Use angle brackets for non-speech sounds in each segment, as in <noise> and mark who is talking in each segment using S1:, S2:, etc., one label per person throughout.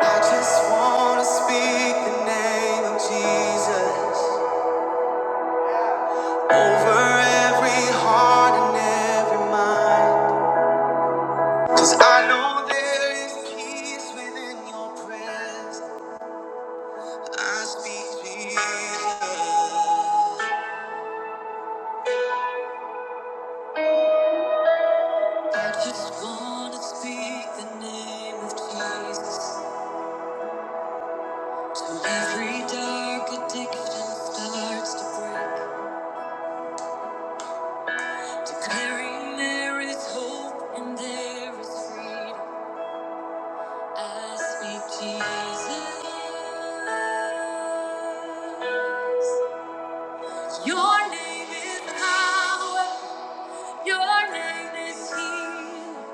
S1: I just wanna speak the name of Jesus over every heart and every mind. 'Cause I know there is peace within your presence. I speak Jesus. I just wanna speak the name of Jesus till every dark addiction starts to break. Declaring there is hope and there is freedom. I speak Jesus. Your name is power. Your name is healing.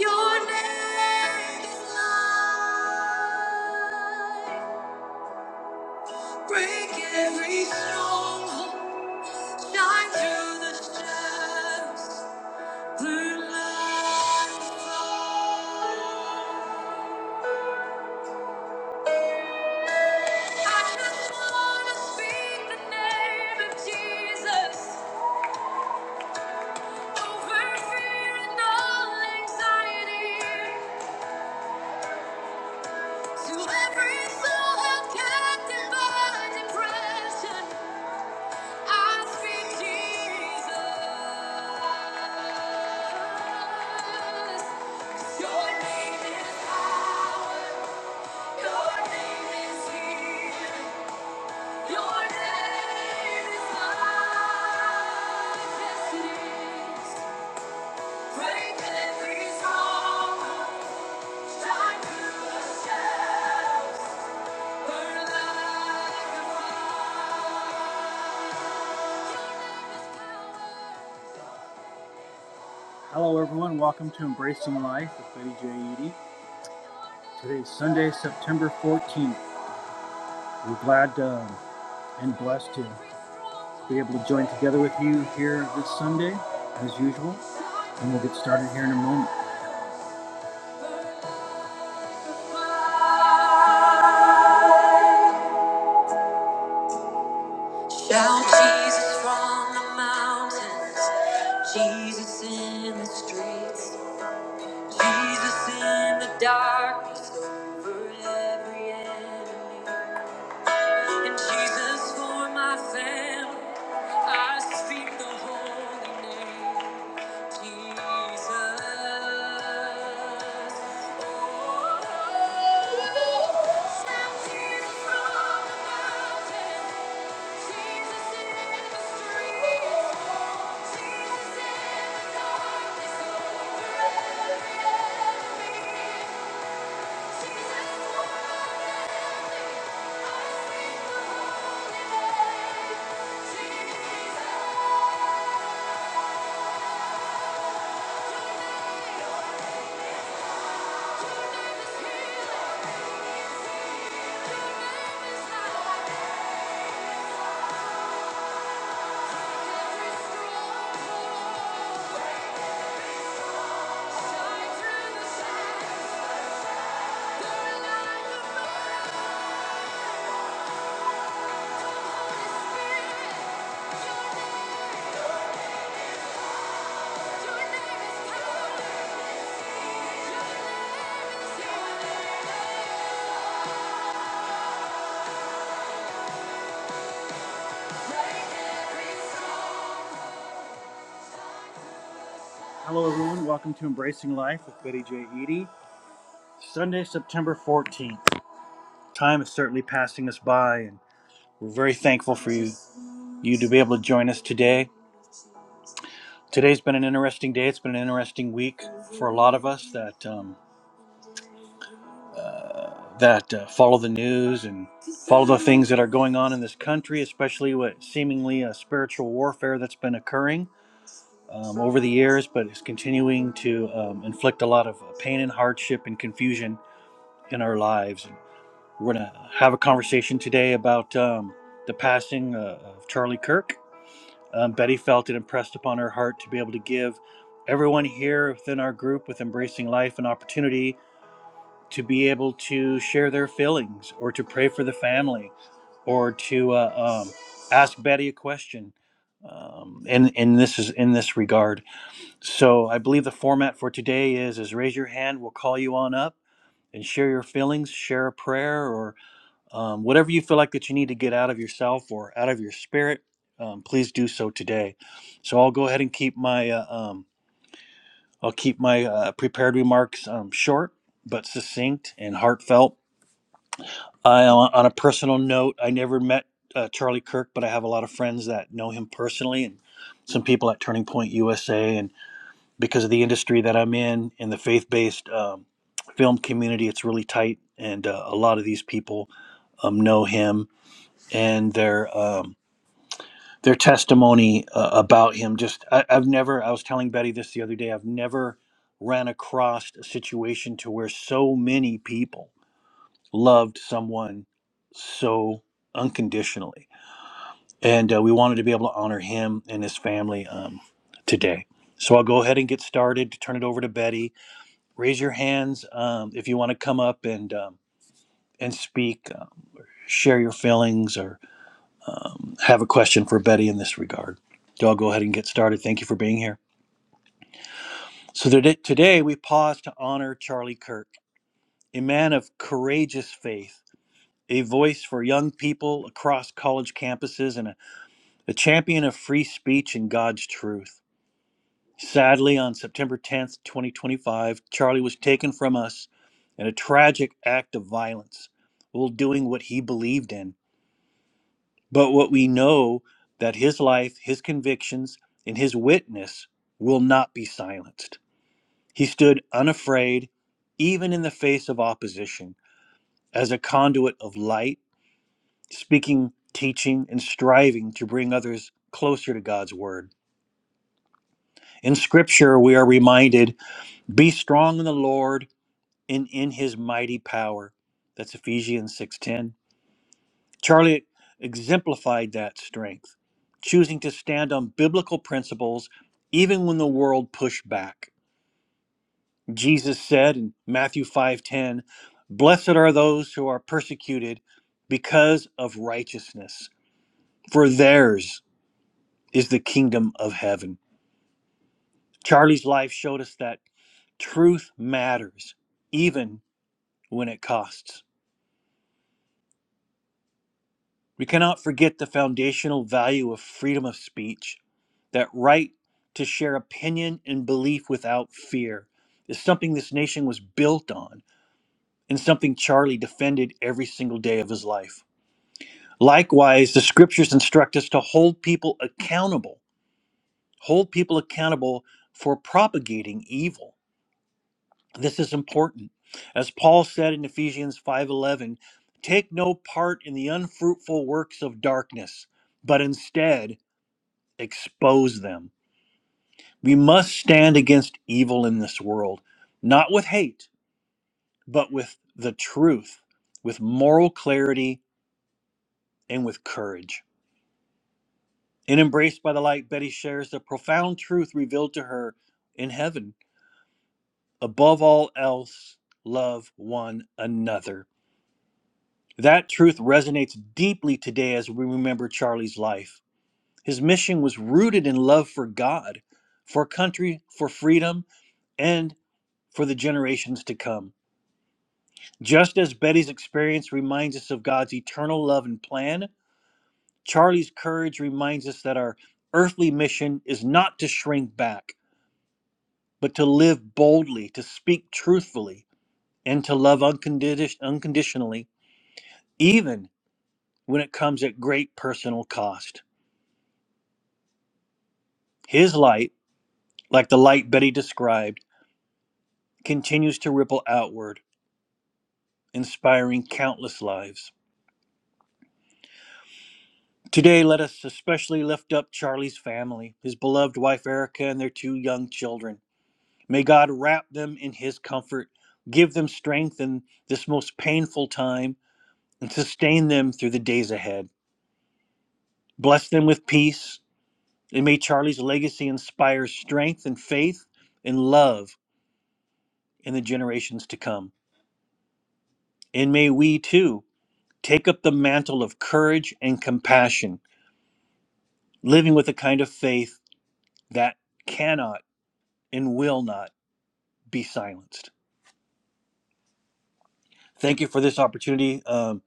S1: Your name is life. Break every stronghold. Shine through the shadows. Through light. I just wanna speak the name of Jesus. Break every song. Hello, everyone. Welcome to Embracing Life with Betty J. Eady. Today is Sunday, September 14th. We're glad um, and blessed to be able to join together with you here this Sunday, as usual. And we'll get started here in a moment. Shout Jesus from the mountains, Jesus in the streets, Jesus in the darkness over every enemy. And Jesus for my family, I speak the holy name, Jesus. Oh, shout Jesus from the mountains. Your name is power. Your name is healing. Hello, everyone. Welcome to Embracing Life with Betty J. Eady. Sunday, September 14th. Time is certainly passing us by, and we're very thankful for you, you to be able to join us today. Today's been an interesting day. It's been an interesting week for a lot of us that um, that uh, follow the news and follow the things that are going on in this country, especially with seemingly a spiritual warfare that's been occurring. um, over the years, but is continuing to um, inflict a lot of uh, pain and hardship and confusion in our lives. And we're going to have a conversation today about um, the passing uh, of Charlie Kirk. Um, Betty felt it impressed upon her heart to be able to give everyone here within our group with Embracing Life an opportunity to be able to share their feelings or to pray for the family or to uh, um, ask Betty a question. Um, and, and this is in this regard. So I believe the format for today is is raise your hand. We'll call you on up and share your feelings, share a prayer, or um, whatever you feel like that you need to get out of yourself or out of your spirit. Um, please do so today. So I'll go ahead and keep my uh, um, I'll keep my uh, prepared remarks um, short but succinct and heartfelt. I, on on a personal note, I never met uh, Charlie Kirk, but I have a lot of friends that know him personally and some people at Turning Point USA and. because of the industry that I'm in in the faith-based um, film community. It's really tight, and uh, a lot of these people um, know him and their um, their testimony uh, about him. Just I, I've never. I was telling Betty this the other day. I've never ran across a situation to where so many people loved someone so unconditionally, and uh, we wanted to be able to honor him and his family um, today. So I'll go ahead and get started. Turn it over to Betty raise your hands um, if you want to come up and um, and speak, um, share your feelings, or um, have a question for Betty in this regard. So I'll go ahead and get started. Thank you for being here. So today, today we pause to honor Charlie Kirk, a man of courageous faith, a voice for young people across college campuses, and a, a champion of free speech and God's truth. Sadly, on September 10th, 2025, Charlie was taken from us in a tragic act of violence while doing what he believed in. But what we know that his life, his convictions, and his witness will not be silenced. He stood unafraid, even in the face of opposition, as a conduit of light, speaking, teaching, and striving to bring others closer to God's word. In scripture, we are reminded be strong in the Lord in in his mighty power that's ephesians 6.10 charlie exemplified that strength choosing to stand on biblical principles even when the world pushed back jesus said in matthew 5.10 blessed are those who are persecuted because of righteousness for theirs is the kingdom of heaven charlie's life showed us that truth matters even when it costs We cannot forget the foundational value of freedom of speech. That right to share opinion and belief without fear is something this nation was built on and something Charlie defended every single day of his life. Likewise, the scriptures instruct us to hold people accountable, hold people accountable for propagating evil. This is important. As Paul said in Ephesians 5:11, take no part in the unfruitful works of darkness, but instead expose them. We must stand against evil in this world, not with hate, but with the truth, with moral clarity, and with courage. In Embraced by the Light, Betty shares the profound truth revealed to her in heaven. Above all else, love one another. That truth resonates deeply today as we remember Charlie's life. His mission was rooted in love for God, for country, for freedom, and. for the generations to come. Just as Betty's experience reminds us of God's eternal love and plan, Charlie's courage reminds us that our earthly mission is not to shrink back, but to live boldly, to speak truthfully, and to love uncondi- unconditionally, even when it comes at great personal cost. His light, like the light Betty described, continues to ripple outward, inspiring countless lives. Today, let us especially lift up Charlie's family, his beloved wife Erica, and their two young children. May God wrap them in his comfort, give them strength in this most painful time, and sustain them through the days ahead. Bless them with peace, and may Charlie's legacy inspire strength and faith and love in the generations to come. And may we too take up the mantle of courage and compassion, living with a kind of faith that cannot and will not be silenced. Thank you for this opportunity um,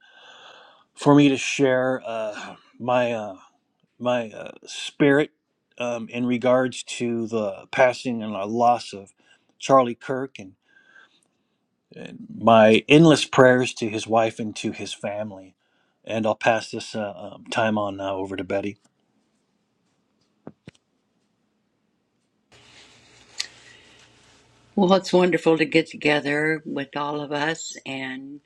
S1: for me to share uh, my uh, my uh, spirit um, in regards to the passing and the loss of Charlie Kirk, and my endless prayers to his wife and to his family. And I'll pass this uh, um, time on now over to Betty.
S2: Well, it's wonderful to get together with all of us and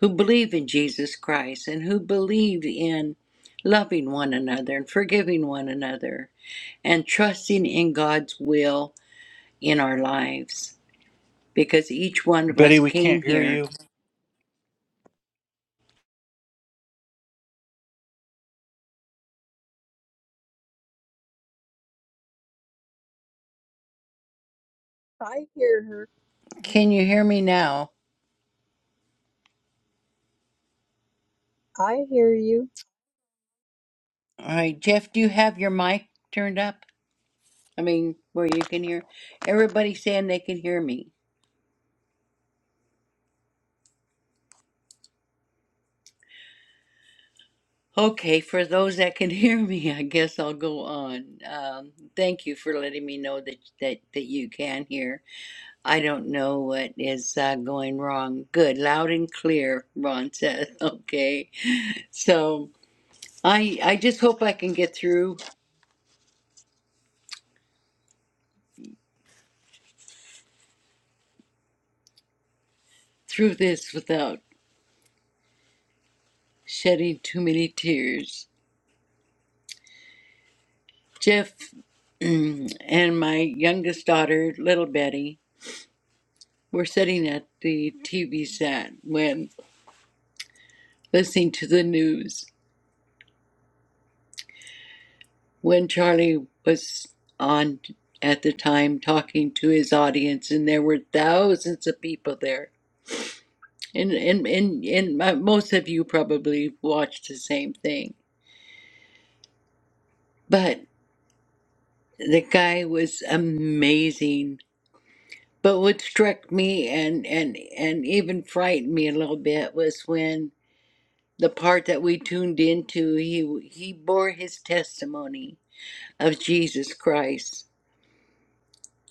S2: who believe in Jesus Christ and who believe in loving one another and forgiving one another and trusting in God's will in our lives because each one of us
S1: Betty, we can't
S2: came
S1: hear
S2: here.
S1: you.
S3: I hear her.
S2: Can you hear me now?
S3: I hear you.
S2: All right, Jeff, do you have your mic turned up? I mean, where you can hear everybody saying they can hear me. Okay, for those that can <laughs> hear me, I guess I'll go on. Um, thank you for letting me know that, that that you can hear. I don't know what is uh, going wrong. Good, loud and clear, Ron says. <laughs> Okay, so I I just hope I can get through through this without shedding too many tears. Jeff <clears throat> and my youngest daughter, little Betty, were sitting at the TV set when listening to the news when Charlie was on at the time talking to his audience, and there were thousands of people there. And, and, and, and most of you probably watched the same thing. But the guy was amazing. But what struck me and, and, and even frightened me a little bit was when the part that we tuned into, he, he bore his testimony of Jesus Christ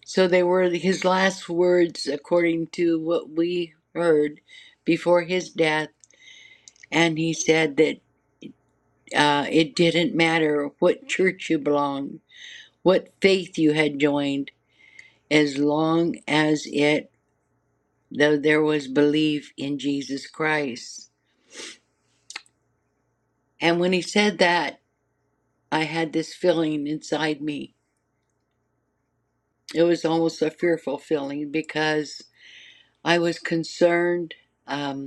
S2: So they were his last words, according to what we heard before his death. And he said that uh, it didn't matter what church you belonged, what faith you had joined, as long as it, though there was belief in Jesus Christ. And when he said that, I had this feeling inside me. It was almost a fearful feeling because I was concerned. Um,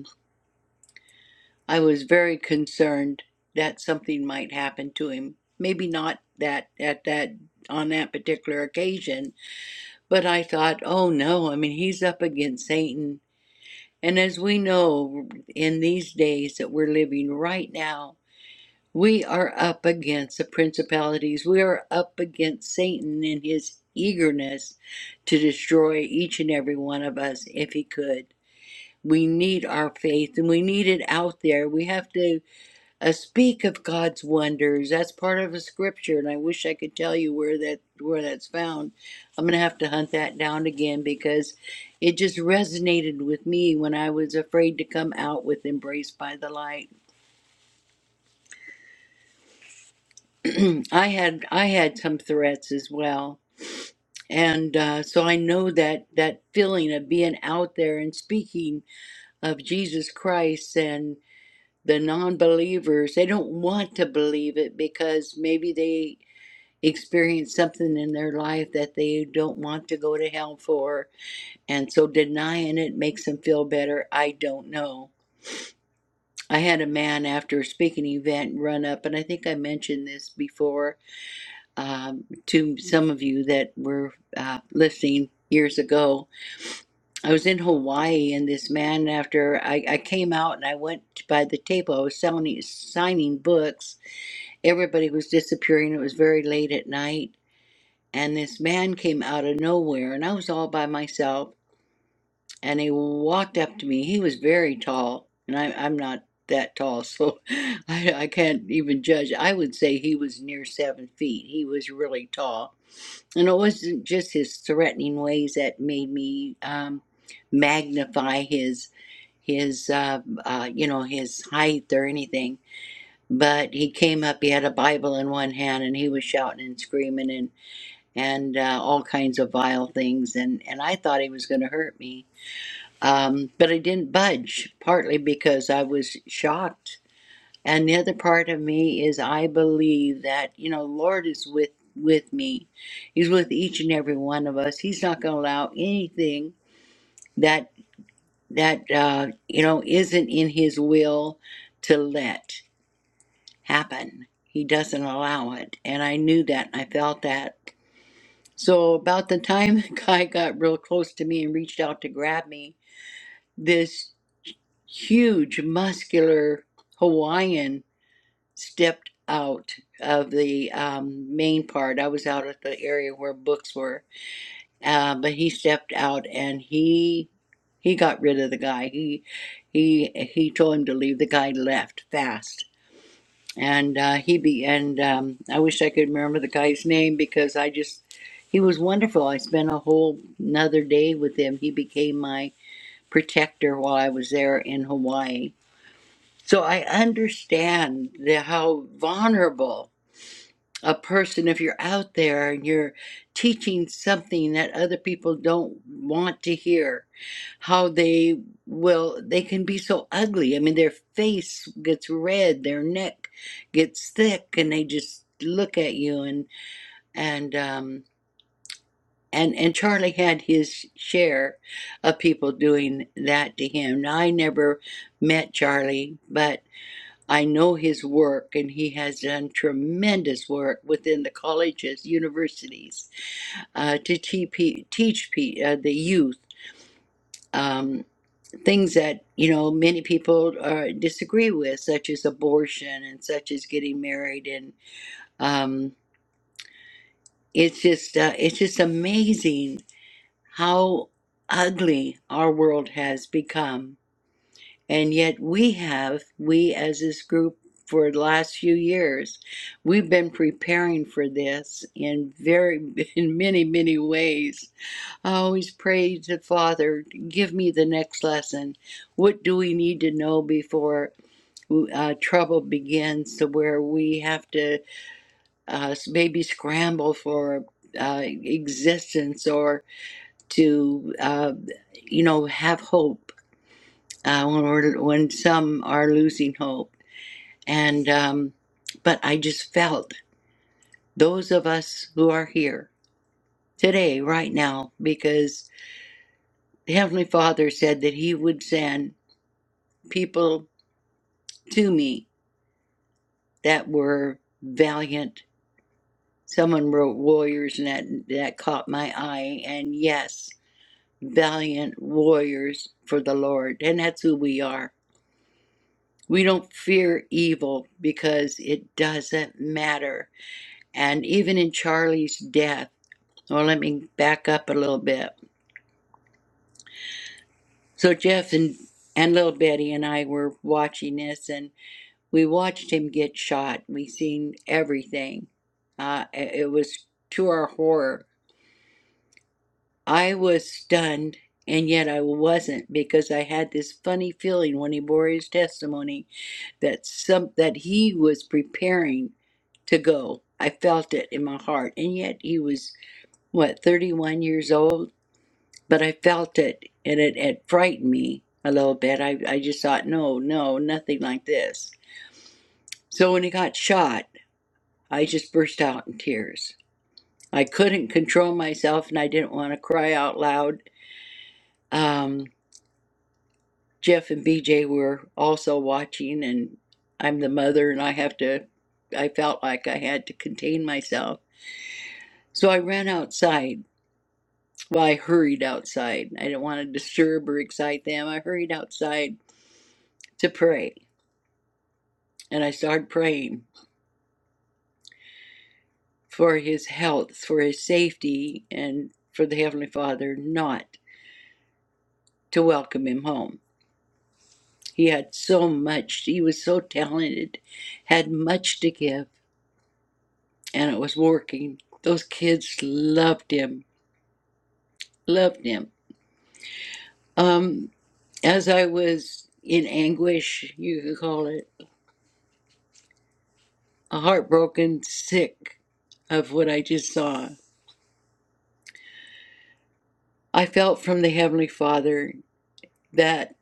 S2: I was very concerned that something might happen to him. Maybe not that at that on that particular occasion, but I thought, oh no, I mean he's up against Satan. And as we know in these days that we're living right now, we are up against the principalities. We are up against Satan in his eagerness to destroy each and every one of us if he could. We need our faith and we need it out there. We have to uh, speak of God's wonders. That's part of a scripture, and I wish I could tell you where that where that's found. I'm gonna have to hunt that down again because it just resonated with me when I was afraid to come out with "Embraced by the Light." <clears throat> I had I had some threats as well, and uh, so I know that that feeling of being out there and speaking of Jesus Christ and the non-believers they don't want to believe it because maybe they experience something in their life that they don't want to go to hell for. And so denying it makes them feel better. I don't know. I had a man after a speaking event run up, and I think I mentioned this before um, to some of you that were uh, listening years ago. I was in Hawaii, and this man, after I, I came out and I went by the table, I was selling, signing books. Everybody was disappearing. It was very late at night and this man came out of nowhere and i was all by myself and he walked up to me he was very tall and I, i'm not that tall <laughs> so I, I can't even judge i would say he was near seven feet he was really tall and it wasn't just his threatening ways that made me um, magnify his his uh, uh, you know his height or anything but he came up he had a bible in one hand and he was shouting and screaming and and uh, all kinds of vile things. And, and I thought he was going to hurt me. Um, but I didn't budge, partly because I was shocked. And the other part of me is I believe that, you know, Lord is with, with me. He's with each and every one of us. He's not going to allow anything that, that uh, you know, isn't in his will to let happen. He doesn't allow it. And I knew that. And I felt that So, about the time <laughs> the guy got real close to me and reached out to grab me, this huge, muscular Hawaiian stepped out of the um, main part. I was out at the area where books were, uh, but he stepped out and he he got rid of the guy. He he he told him to leave. The guy left fast and uh, he be and um, I wish I could remember the guy's name because I just he was wonderful. I spent a whole another day with him. He became my protector while I was there in Hawaii. So I understand the, how vulnerable a person if you're out there and you're teaching something that other people don't want to hear how they will they can be so ugly i mean their face gets red their neck gets thick and they just look at you and and um and and charlie had his share of people doing that to him now i never met charlie but. I know his work, and he has done tremendous work within the colleges, universities, uh, to TP, teach pe- uh, the youth um, things that you know many people uh, disagree with, such as abortion and such as getting married, and um, it's just uh, it's just amazing how ugly our world has become And yet we have, we as this group for the last few years, we've been preparing for this in very <laughs> in many, many ways. I always pray to Father, give me the next lesson. What do we need to know before uh, trouble begins to where we have to uh, maybe scramble for uh, existence or to, uh, you know, have hope uh, when, we're, when some are losing hope. And, um, but I just felt those of us who are here today, right now, because the Heavenly Father said that He would send people to me that were valiant. Someone wrote warriors, and that, that caught my eye. And yes, valiant warriors for the Lord. And that's who we are. We don't fear evil because it doesn't matter. And even in Charlie's death, Well, let me back up a little bit. So Jeff and and little Betty and I were watching this, and we watched him get shot. We seen everything. Uh, it it was to our horror. I was stunned, and yet I wasn't because I had this funny feeling when he bore his testimony that some that he was preparing to go. I felt it in my heart, and yet he was what thirty one years old but I felt it and it, it frightened me a little bit. I, I just thought, no, no, nothing like this. So when he got shot, I just burst out in tears. I couldn't control myself and I didn't want to cry out loud. Um, Jeff and BJ were also watching, and I'm the mother and I have to, I felt like I had to contain myself. So I ran outside. Well, I hurried outside. I didn't want to disturb or excite them. I hurried outside to pray And I started praying for his health, for his safety, and for the Heavenly Father not to welcome him home. He had so much, he was so talented, had much to give, and it was working. Those kids loved him, loved him. Um, as I was in anguish, you could call it, heartbroken, sick of what I just saw, I felt from the Heavenly Father that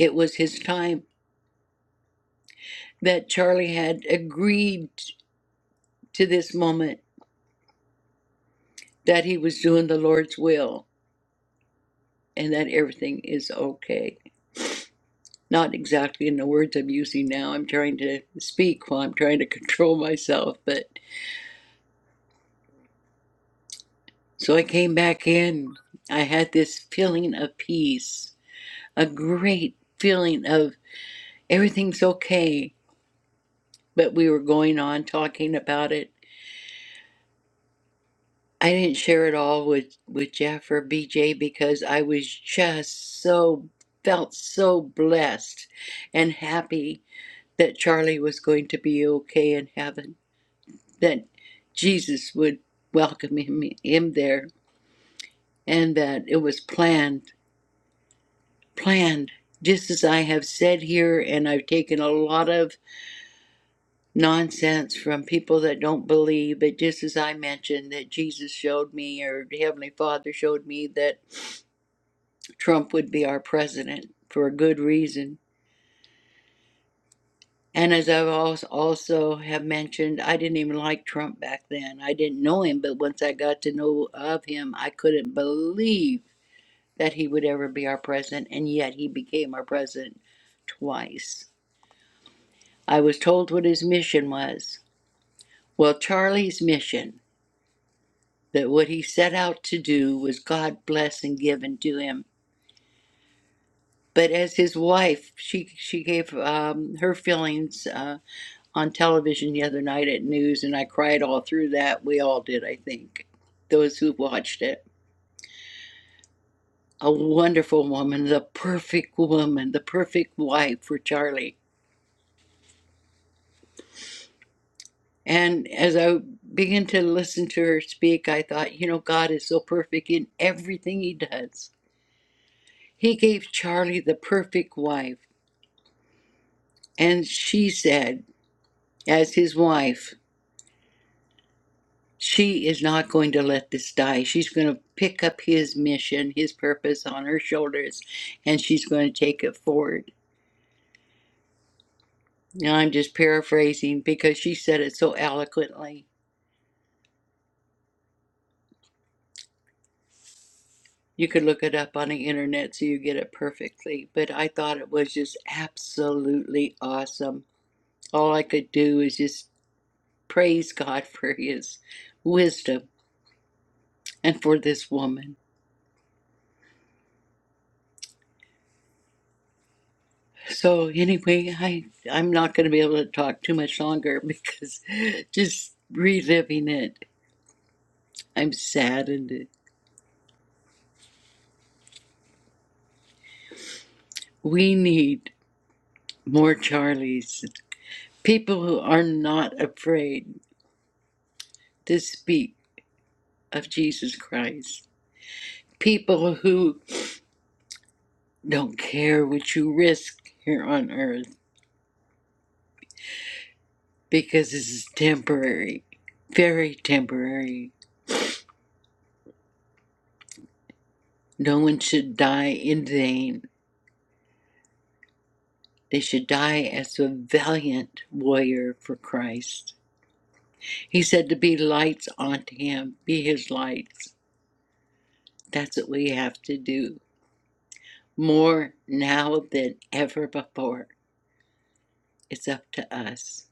S2: it was his time that Charlie had agreed to this moment that he was doing the Lord's will and that everything is okay. Not exactly in the words I'm using now. I'm trying to speak while I'm trying to <laughs> control myself. But so I came back in. I had this feeling of peace, a great feeling of everything's okay. But we were going on talking about it. I didn't share it all with with Jeff or BJ because I was just so felt so blessed and happy that Charlie was going to be okay in heaven, that Jesus would welcome him him there, and that it was planned planned. Just as I have said here, and I've taken a lot of nonsense from people that don't believe, but just as I mentioned that Jesus showed me, or Heavenly Father showed me that. Trump would be our president for a good reason. And as i also have mentioned, I didn't even like Trump back then. I didn't know him, but once I got to know of him, I couldn't believe that he would ever be our president, and yet he became our president twice. I was told what his mission was. Well, Charlie's mission, that what he set out to do was God bless and given to him. But as his wife, she she gave um, her feelings. uh, on television the other night at news, and I cried all through that. We all did, I think, those who watched it. A wonderful woman, the perfect woman, the perfect wife for Charlie. And as I began to listen to her speak, I thought, you know, God is so perfect in everything He does. He gave Charlie the perfect wife. And she said, as his wife, She is not going to let this die. She's going to pick up his mission, his purpose on her shoulders, and she's going to take it forward. Now, I'm just paraphrasing because she said it so eloquently. You could look it up on the internet so you get it perfectly, but I thought it was just absolutely awesome. All I could do is just praise God <laughs> for his wisdom and for this woman. So anyway, I I'm not going to be able to talk too much longer because <laughs> just reliving it, I'm saddened. We need more Charlies, people who are not afraid to speak of Jesus Christ, people who don't care what you risk here on earth because this is temporary, very temporary. No one should die in vain They should die as a valiant warrior for Christ. He said to be lights unto him, be his lights. That's what we have to do more now than ever before. It's up to us.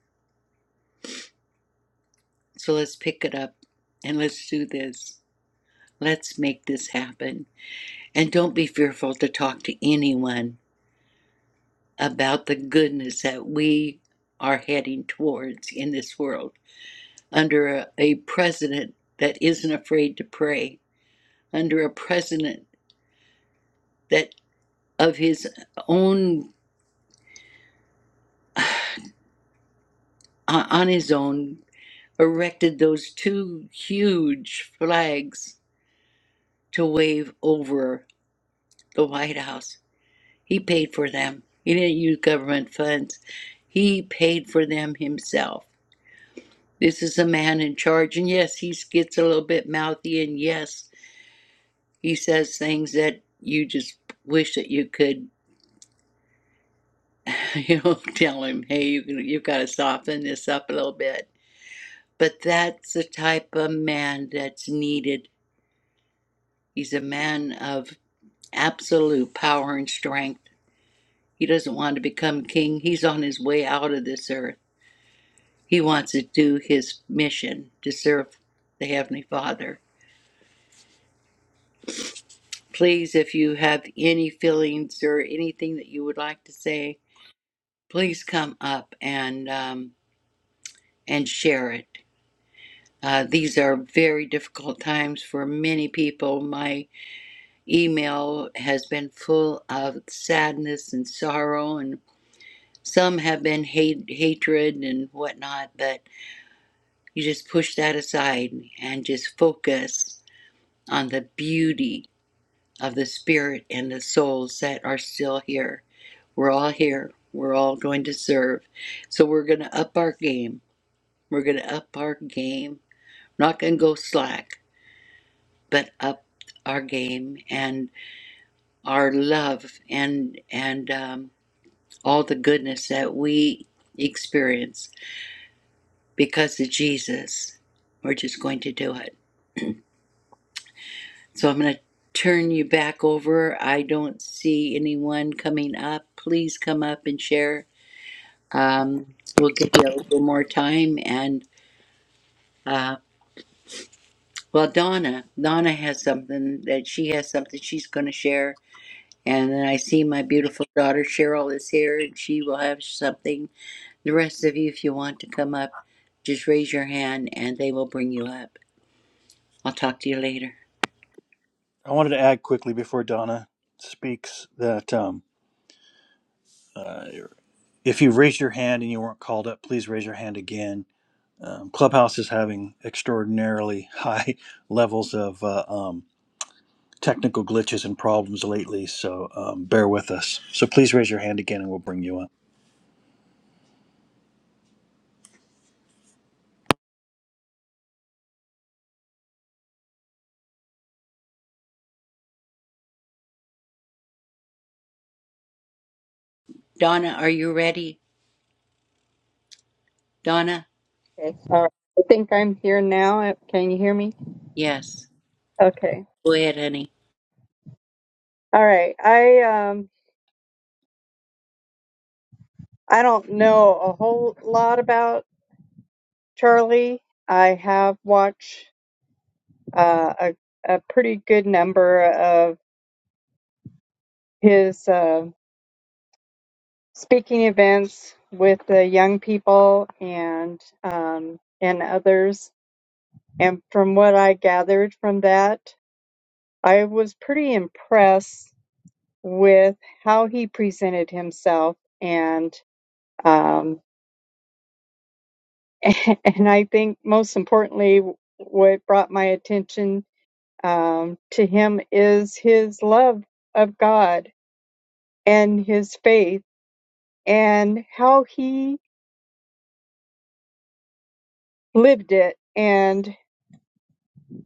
S2: So let's pick it up and let's do this. Let's make this happen. And don't be fearful to talk to anyone about the goodness that we are heading towards in this world under a, a president that isn't afraid to pray under a president that of his own uh, on his own erected those two huge flags to wave over the White House. He paid for them. He didn't use government funds. He paid for them himself. This is a man in charge, and yes, he gets a little bit mouthy, and yes, he says things that you just wish that you could, <laughs> you know, tell him, hey, you, you've got to soften this up a little bit But that's the type of man that's needed. He's a man of absolute power and strength. He doesn't want to become king. He's on his way out of this earth. He wants to do his mission to serve the Heavenly Father. Please, if you have any feelings or anything that you would like to say, please come up and um, and share it. Uh, these are very difficult times for many people. My email has been full of sadness and sorrow and some have been hate hatred and whatnot but you just push that aside and just focus on the beauty of the spirit and the souls that are still here we're all here we're all going to serve so we're going to up our game we're going to up our game not going to go slack but up our game and our love and and um, all the goodness that we experience because of Jesus. We're just going to do it. So I'm going to turn you back over. I don't see anyone coming up. Please come up and share. Um, we'll give you a little more time. And uh, well, Donna, Donna has something that she has something she's going to share. And then I see my beautiful daughter Cheryl is here, and she will have something. The rest of you, if you want to come up, just raise your hand and they will bring you up. I'll talk to you later.
S1: I wanted to add quickly before Donna speaks that um, if you raised your hand and you weren't called up, please raise your hand again um, Clubhouse is having extraordinarily high <laughs> levels of uh, um, technical glitches and problems lately, so um, bear with us. So please raise your hand again and we'll bring you up.
S2: Donna, are you ready? Donna?
S3: Okay, all right. I think I'm here now. Uh, Can you hear me?
S2: Yes.
S3: Okay.
S2: Go ahead, honey.
S3: All right. I um I don't know a whole lot about Charlie. I have watched uh, a a pretty good number of his uh, speaking events with the young people and um and others. And from what I gathered from that, I was pretty impressed with how he presented himself and um, <laughs> and I think most importantly what brought my attention um, to him is his love of God and his faith and how he lived it and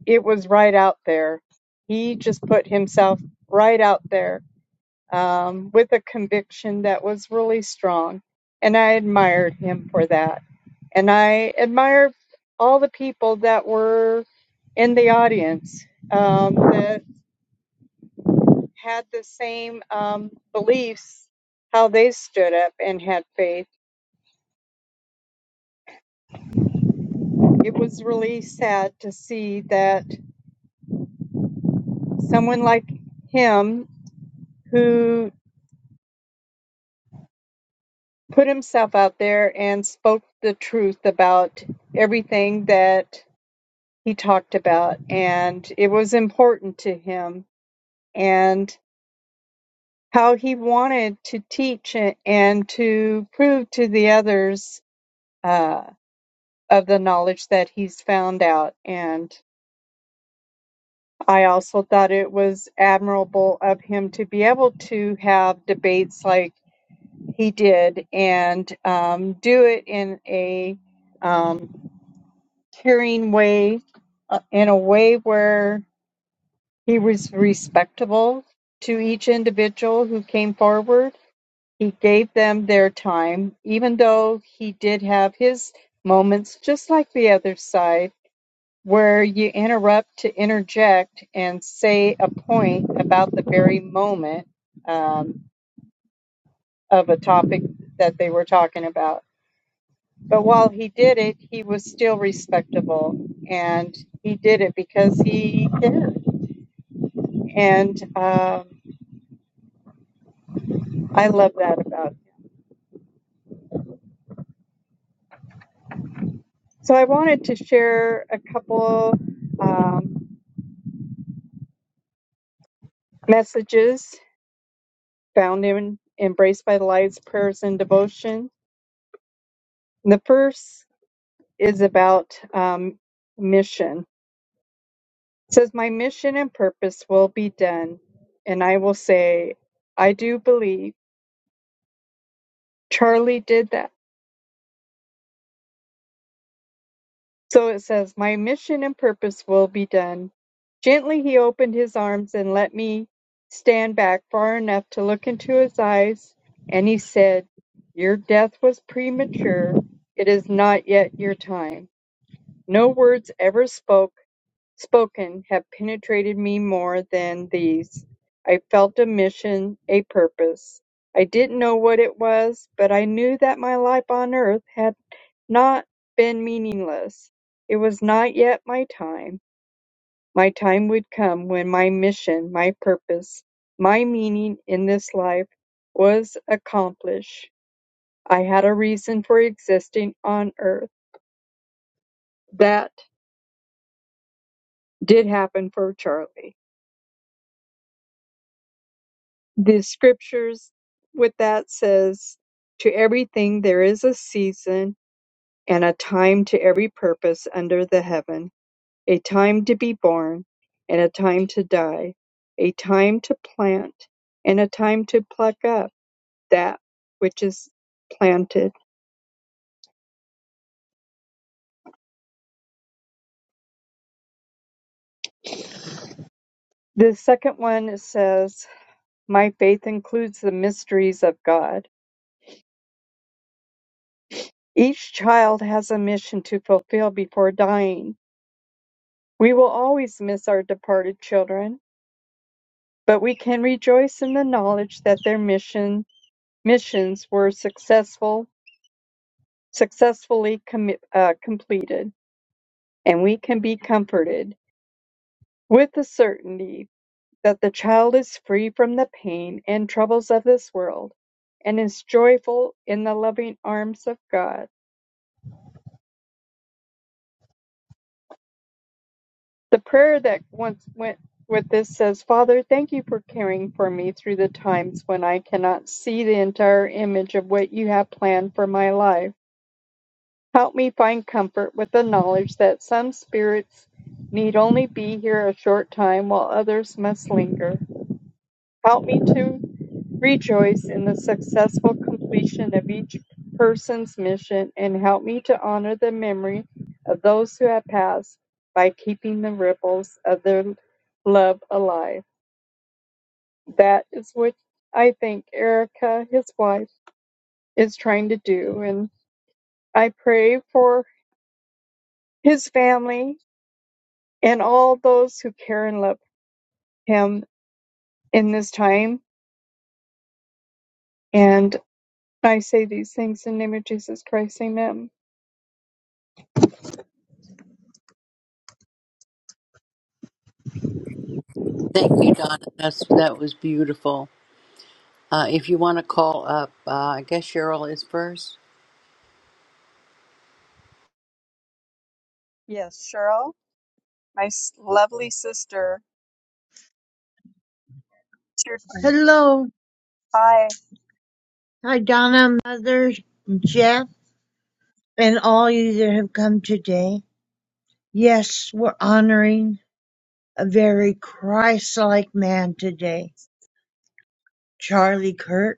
S3: it was right out there. He just put himself right out there um, with a conviction that was really strong and I admired him for that. And I admire all the people that were in the audience um, that had the same um, beliefs, how they stood up and had faith. It was really sad to see that someone like him who put himself out there and spoke the truth about everything that he talked about, and it was important to him. and. how he wanted to teach a- and to prove to the others uh, of the knowledge that he's found out. And I also thought it was admirable of him to be able to have debates like he did and um, do it in a um, caring way, uh, in a way where he was respectable to each individual who came forward He gave them their time, even though he did have his moments, just like the other side, where you interrupt to interject and say a point about the very moment um, of a topic that they were talking about. But while he did it, he was still respectable and he did it because he cared. And um, I love that about him. So I wanted to share a couple um, messages found in Embraced by the Light's prayers and devotion. The first is about um, mission. It says, My mission and purpose will be done, and I will say, I do believe Charlie did that. So it says, My mission and purpose will be done. Gently he opened his arms and let me stand back far enough to look into his eyes, and he said, Your death was premature. It is not yet your time. No words ever spoke spoken have penetrated me more than these. I felt a mission, a purpose. I didn't know what it was, but I knew that my life on earth had not been meaningless. It was not yet my time. My time would come when my mission, my purpose, my meaning in this life was accomplished. I had a reason for existing on earth. That did happen for Charlie. the scriptures with that says to everything there is a season and a time to every purpose under the heaven a time to be born and a time to die a time to plant and a time to pluck up that which is planted the second one it says my faith includes the mysteries of god each child has a mission to fulfill before dying we will always miss our departed children But we can rejoice in the knowledge that their mission missions were successful, successfully commi- uh, completed, and we can be comforted with the certainty that the child is free from the pain and troubles of this world, and is joyful in the loving arms of God. The prayer that once went with this says, Father, thank you for caring for me through the times when I cannot see the entire image of what you have planned for my life. Help me find comfort with the knowledge that some spirits need only be here a short time while others must linger. Help me to rejoice in the successful completion of each person's mission and help me to honor the memory of those who have passed by keeping the ripples of their love alive. That is what I think Erica, his wife, is trying to do. And I pray for his family and all those who care and love him in this time. And I say these things in the name of Jesus Christ. Amen.
S2: Thank you, Donna. That's, that was beautiful. Uh, if you want to call up, uh, I guess Cheryl is first.
S3: Yes, Cheryl, my s- lovely sister. It's your turn.
S4: Hello,
S3: Hi.
S4: hi Donna, Mother, Jeff, and all you that have come today. Yes, we're honoring a very Christ-like man today, Charlie Kirk.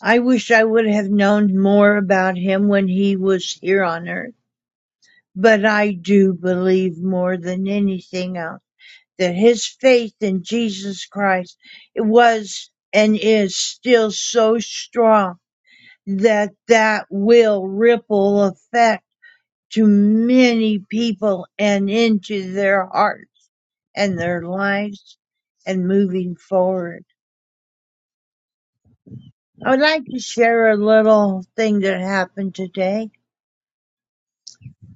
S4: I wish I would have known more about him when he was here on earth, but I do believe more than anything else that his faith in Jesus Christ was and is still so strong that that will ripple effect to many people and into their hearts and their lives and moving forward. I would like to share a little thing that happened today.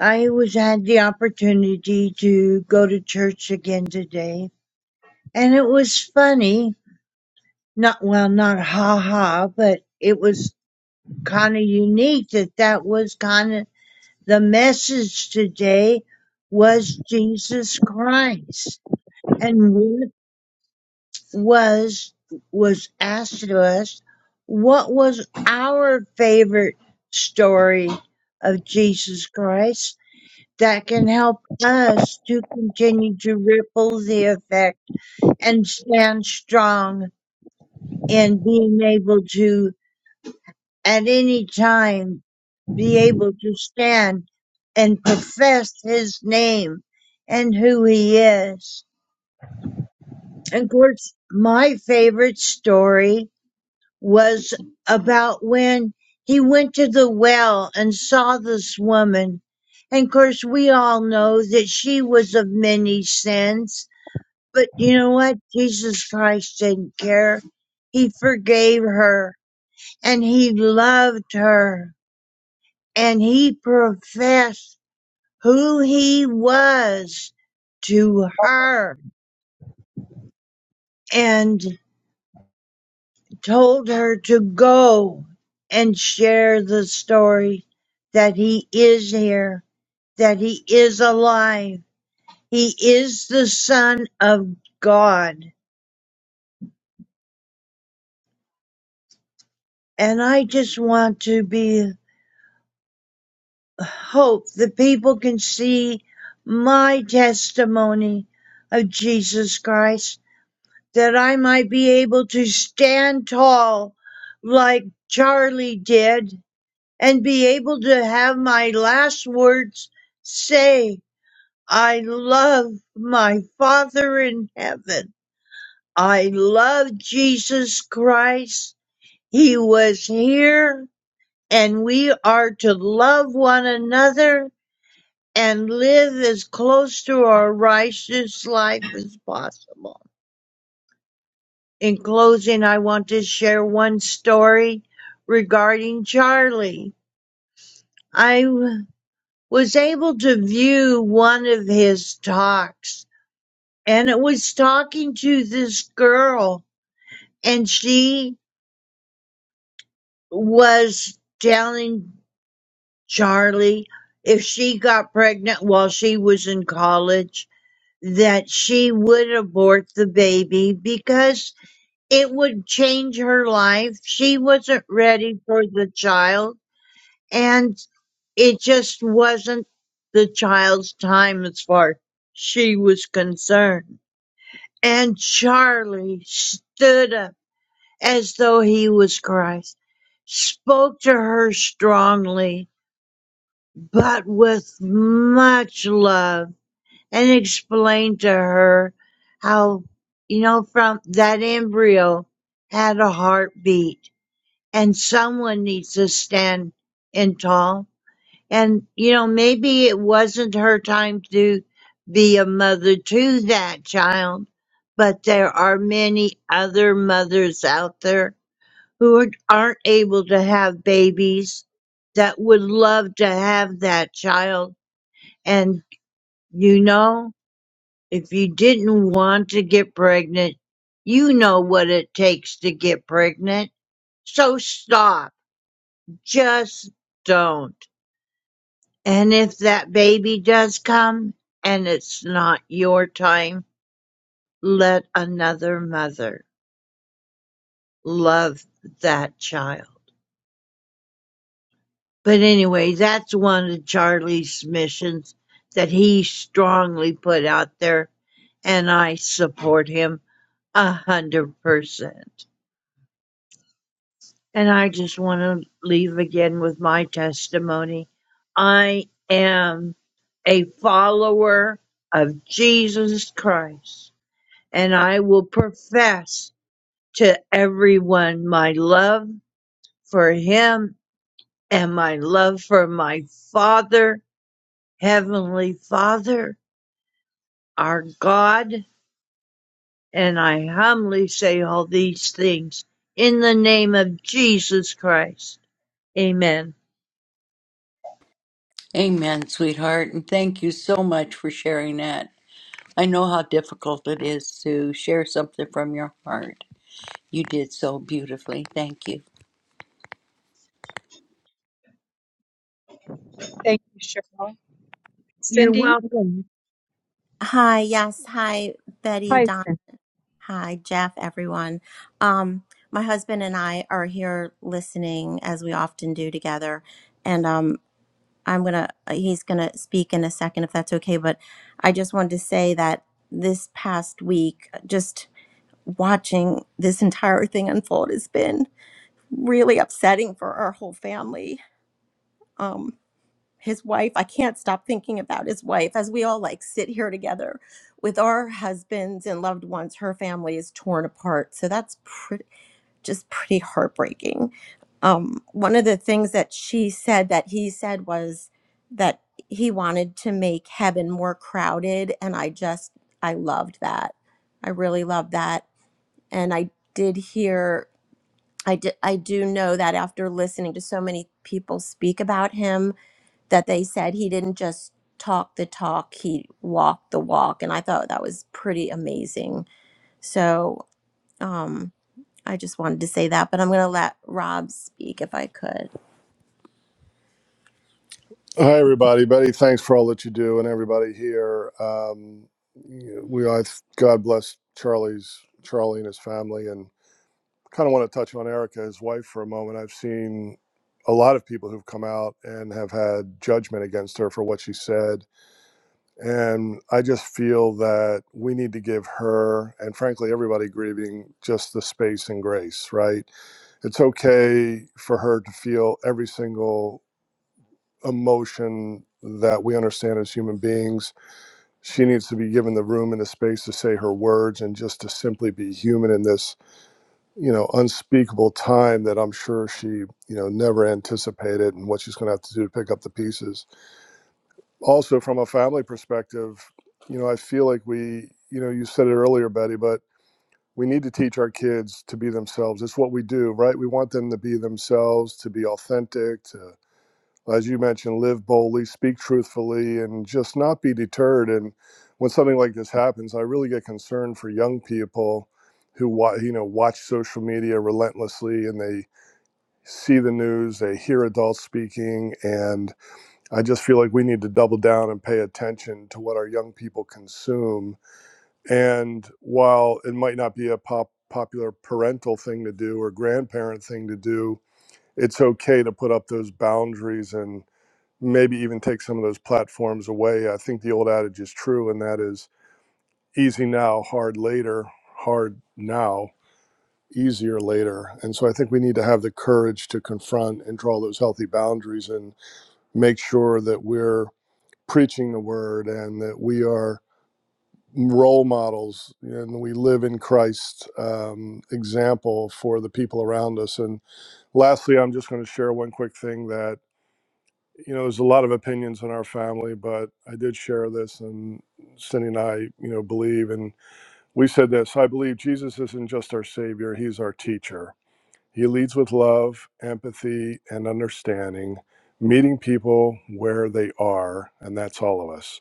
S4: I was had the opportunity to go to church again today and it was funny. Not well, not ha ha, but it was kind of unique that that was kind of the message today was Jesus Christ and what was was asked of us what was our favorite story of Jesus Christ that can help us to continue to ripple the effect and stand strong in being able to at any time be able to stand and profess his name and who he is. And of course, my favorite story was about when he went to the well and saw this woman. And of course, we all know that she was of many sins, but you know what? Jesus Christ didn't care. He forgave her and he loved her and he professed who he was to her. and. told her to go and share the story that he is here, that he is alive. He is the son of God. And I just want to be hope that people can see my testimony of Jesus Christ, that I might be able to stand tall like Charlie did and be able to have my last words say, I love my Father in heaven. I love Jesus Christ. He was here and we are to love one another and live as close to our righteous life as possible. In closing, I want to share one story regarding Charlie. I was able to view one of his talks and it was talking to this girl and she was telling Charlie if she got pregnant while she was in college that she would abort the baby because it would change her life. She wasn't ready for the child. And it just wasn't the child's time as far as she was concerned. And Charlie stood up as though he was Christ, spoke to her strongly, but with much love, and explained to her how, you know, from that embryo had a heartbeat and someone needs to stand in tall And, you know, maybe it wasn't her time to be a mother to that child, but there are many other mothers out there who are- aren't able to have babies that would love to have that child. And, you know, if you didn't want to get pregnant, you know what it takes to get pregnant. So stop. Just don't. And if that baby does come and it's not your time, let another mother love that child. But anyway, that's one of Charlie's missions that he strongly put out there, and I support him a hundred percent. And I just want to leave again with my testimony. I am a follower of Jesus Christ. and I will profess to everyone my love for him and my love for my Father, Heavenly Father, our God. And I humbly say all these things in the name of Jesus Christ. Amen.
S2: Amen, sweetheart. And thank you so much for sharing that. I know how difficult it is to share something from your heart. You did so beautifully. Thank you.
S3: Thank you, Cheryl.
S4: You're
S3: Cindy?
S4: welcome.
S5: Hi, yes. Hi, Betty,
S3: Hi,
S5: Don.
S3: Cindy.
S5: Hi, Jeff, everyone. Um, my husband and I are here listening as we often do together. And um, I'm going to, he's going to speak in a second if that's okay. But I just wanted to say that this past week, just watching this entire thing unfold has been really upsetting for our whole family. Um, his wife i can't stop thinking about his wife as we all like sit here together with our husbands and loved ones her family is torn apart so that's pretty just pretty heartbreaking um, one of the things that she said that he said was that he wanted to make heaven more crowded and i just i loved that i really loved that and i did hear i did i do know that after listening to so many people speak about him that they said he didn't just talk the talk, he walked the walk. And I thought that was pretty amazing. So um, I just wanted to say that, but I'm going to let Rob speak if I could. Hi, everybody. Betty, thanks for all that you do and everybody here. Um, we, I, God bless Charlie's, Charlie and his family. And kind of want to touch on Erica, his wife, for a moment. I've seen a lot of people who've come out and have had judgment against her for what she said And I just feel that we need to give her, and frankly, everybody grieving, just the space and grace, right? It's okay for her to feel every single emotion that we understand as human beings. She needs to be given the room and the space to say her words and just to simply be human in this, you know, unspeakable time that I'm sure she, you know, never anticipated and what she's going to have to do to pick up the pieces also from a family perspective, you know, I feel like we, you know, you said it earlier, Betty, but we need to teach our kids to be themselves. It's what we do, right? We want them to be themselves, to be authentic, to, as you mentioned, live boldly, speak truthfully, and just not be deterred. And when something like this happens, I really get concerned for young people who, wa- you know, watch social media relentlessly and they see the news, they hear adults speaking, and I just feel like we need to double down and pay attention to what our young people consume. And while it might not be a pop, popular parental thing to do or grandparent thing to do, it's okay to put up those boundaries and maybe even take some of those platforms away. I think the old adage is true, and that is easy now, hard later, hard now, easier later. And so I think we need to have the courage to confront and draw those healthy boundaries and make sure that we're preaching the word and that we are role models and we live in Christ's um, example for the people around us. And lastly, I'm just going to share one quick thing that, you know, there's a lot of opinions in our family, but I did share this and Cindy and I, you know, believe. And we said this I believe Jesus isn't just our Savior, He's our teacher. He leads with love, empathy, and understanding, meeting people where they are. And that's all of us.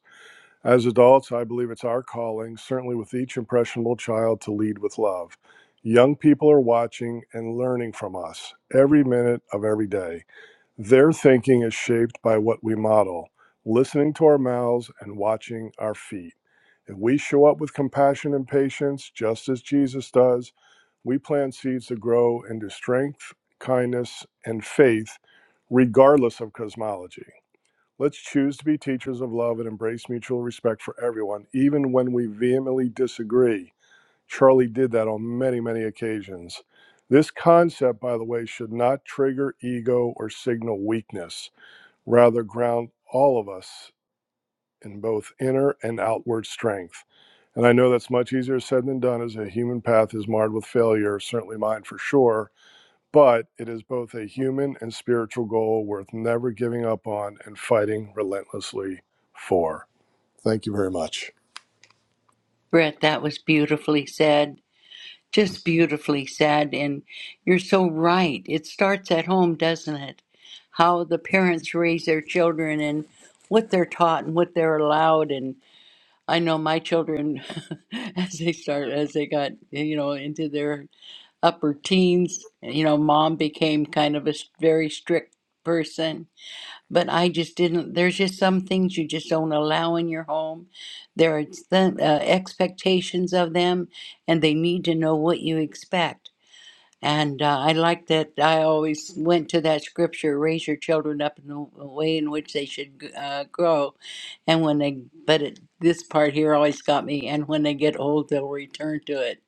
S5: As adults, I believe it's our calling, certainly with each impressionable child, to lead with love. Young people are watching and learning from us every minute of every day. Their thinking is shaped by what we model, listening to our mouths and watching our feet. If we show up with compassion and patience, just as Jesus does, we plant seeds to grow into strength, kindness, and faith, regardless of cosmology. Let's choose to be teachers of love and embrace mutual respect for everyone, even when we vehemently disagree. Charlie did that on many, many occasions. This concept, by the way, should not trigger ego or signal weakness, rather, ground all of us in both inner and outward strength. And I know that's much easier said than done as a human path is marred with failure, certainly mine for sure but it is both a human and spiritual goal worth never giving up on and fighting relentlessly for. Thank you very much.
S2: Brett, that was beautifully said. Just beautifully said. And you're so right. It starts at home, doesn't it? How the parents raise their children and what they're taught and what they're allowed. And I know my children, <laughs> as they start, as they got, you know, into their upper teens, you know, mom became kind of a s- very strict person but I just didn't. There's just some things you just don't allow in your home. There are th- uh, expectations of them, and they need to know what you expect. And uh, I like that. I always went to that scripture: "Raise your children up in the way in which they should g- uh, grow." And when they, but it, this part here always got me. And when they get old, they'll return to it.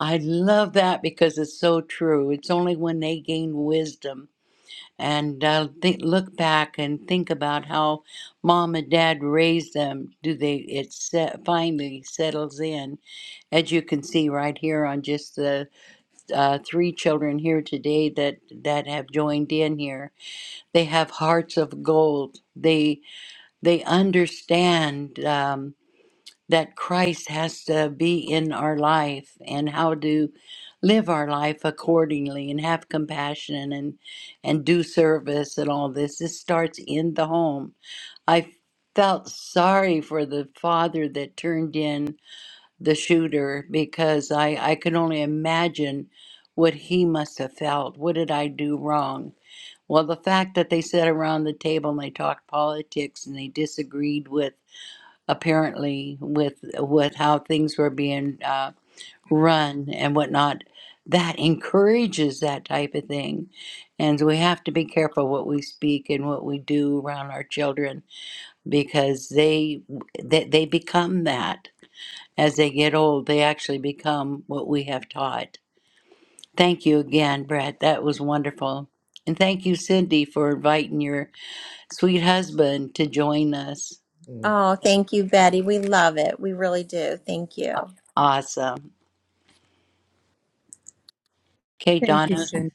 S2: I love that because it's so true. It's only when they gain wisdom and I'll think, look back and think about how mom and dad raised them. Do they? It se- finally settles in, as you can see right here on just the uh, three children here today that that have joined in here. They have hearts of gold. They they understand. Um, that Christ has to be in our life and how to live our life accordingly and have compassion and and do service and all this. This starts in the home. I felt sorry for the father that turned in the shooter because I, I can only imagine what he must have felt. What did I do wrong? Well, the fact that they sat around the table and they talked politics and they disagreed with apparently with with how things were being uh, run and whatnot that encourages that type of thing and we have to be careful what we speak and what we do around our children because they they, they become that as they get old they actually become what we have taught thank you again brett that was wonderful and thank you cindy for inviting your sweet husband to join us
S5: Mm. Oh, thank you, Betty. We love it. We really do. Thank you.
S2: awesome okay
S3: Thank you,
S2: donna
S3: Cindy.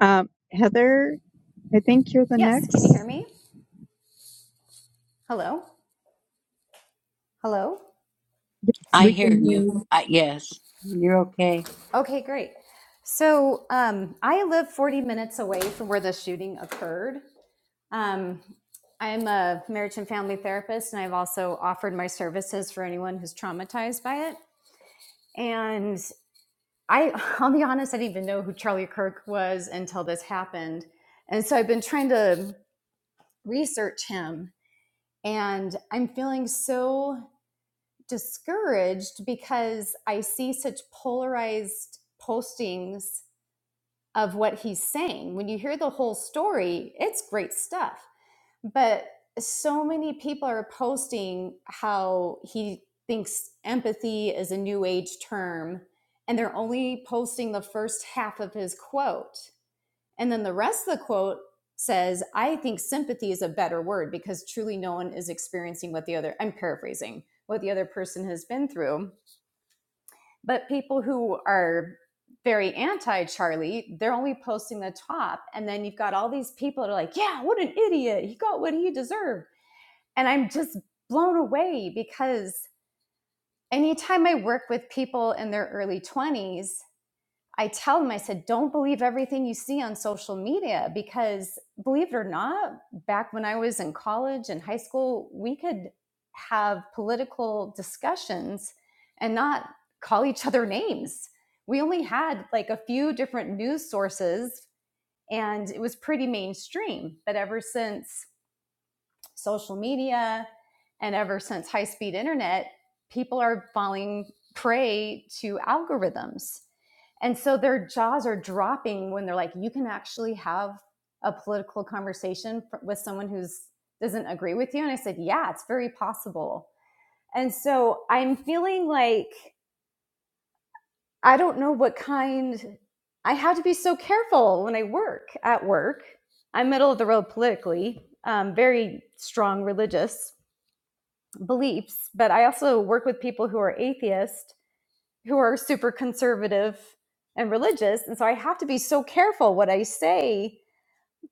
S3: Um, Heather, I think you're the
S6: Yes, can you hear
S3: next.
S6: me? Hello? Hello?
S2: I
S3: We
S2: hear
S3: can hear
S2: you.
S3: you.
S2: I, yes, you're okay.
S6: Okay, great. So um, I live 40 minutes away from where the shooting occurred. Um, I'm a marriage and family therapist, and I've also offered my services for anyone who's traumatized by it. And I, <laughs> I'll be honest, I didn't even know who Charlie Kirk was until this happened. And so I've been trying to research him, and I'm feeling so discouraged because I see such polarized postings of what he's saying. When you hear the whole story, it's great stuff. But so many people are posting how he thinks empathy is a new age term, and they're only posting the first half of his quote. And then the rest of the quote says, I think sympathy is a better word because truly no one is experiencing what the other, I'm paraphrasing, what the other person has been through but people who are very anti Charlie, they're only posting the top. And then you've got all these people that are like, yeah, what an idiot. He got what he deserved. And I'm just blown away because anytime I work with people in their early 20s, I tell them, I said, don't believe everything you see on social media because believe it or not, back when I was in college and high school, we could have political discussions and not call each other names. We only had like a few different news sources and it was pretty mainstream. But ever since social media and ever since high speed internet, people are falling prey to algorithms. And so their jaws are dropping when they're like, you can actually have a political conversation with someone who doesn't agree with you. And I said, yeah, it's very possible. And so I'm feeling like I don't know what kind I have to be so careful when I work at work. I'm middle of the road politically, um, very strong religious, beliefs, but I also work with people who are atheist, who are super conservative and religious. And so I have to be so careful what I say,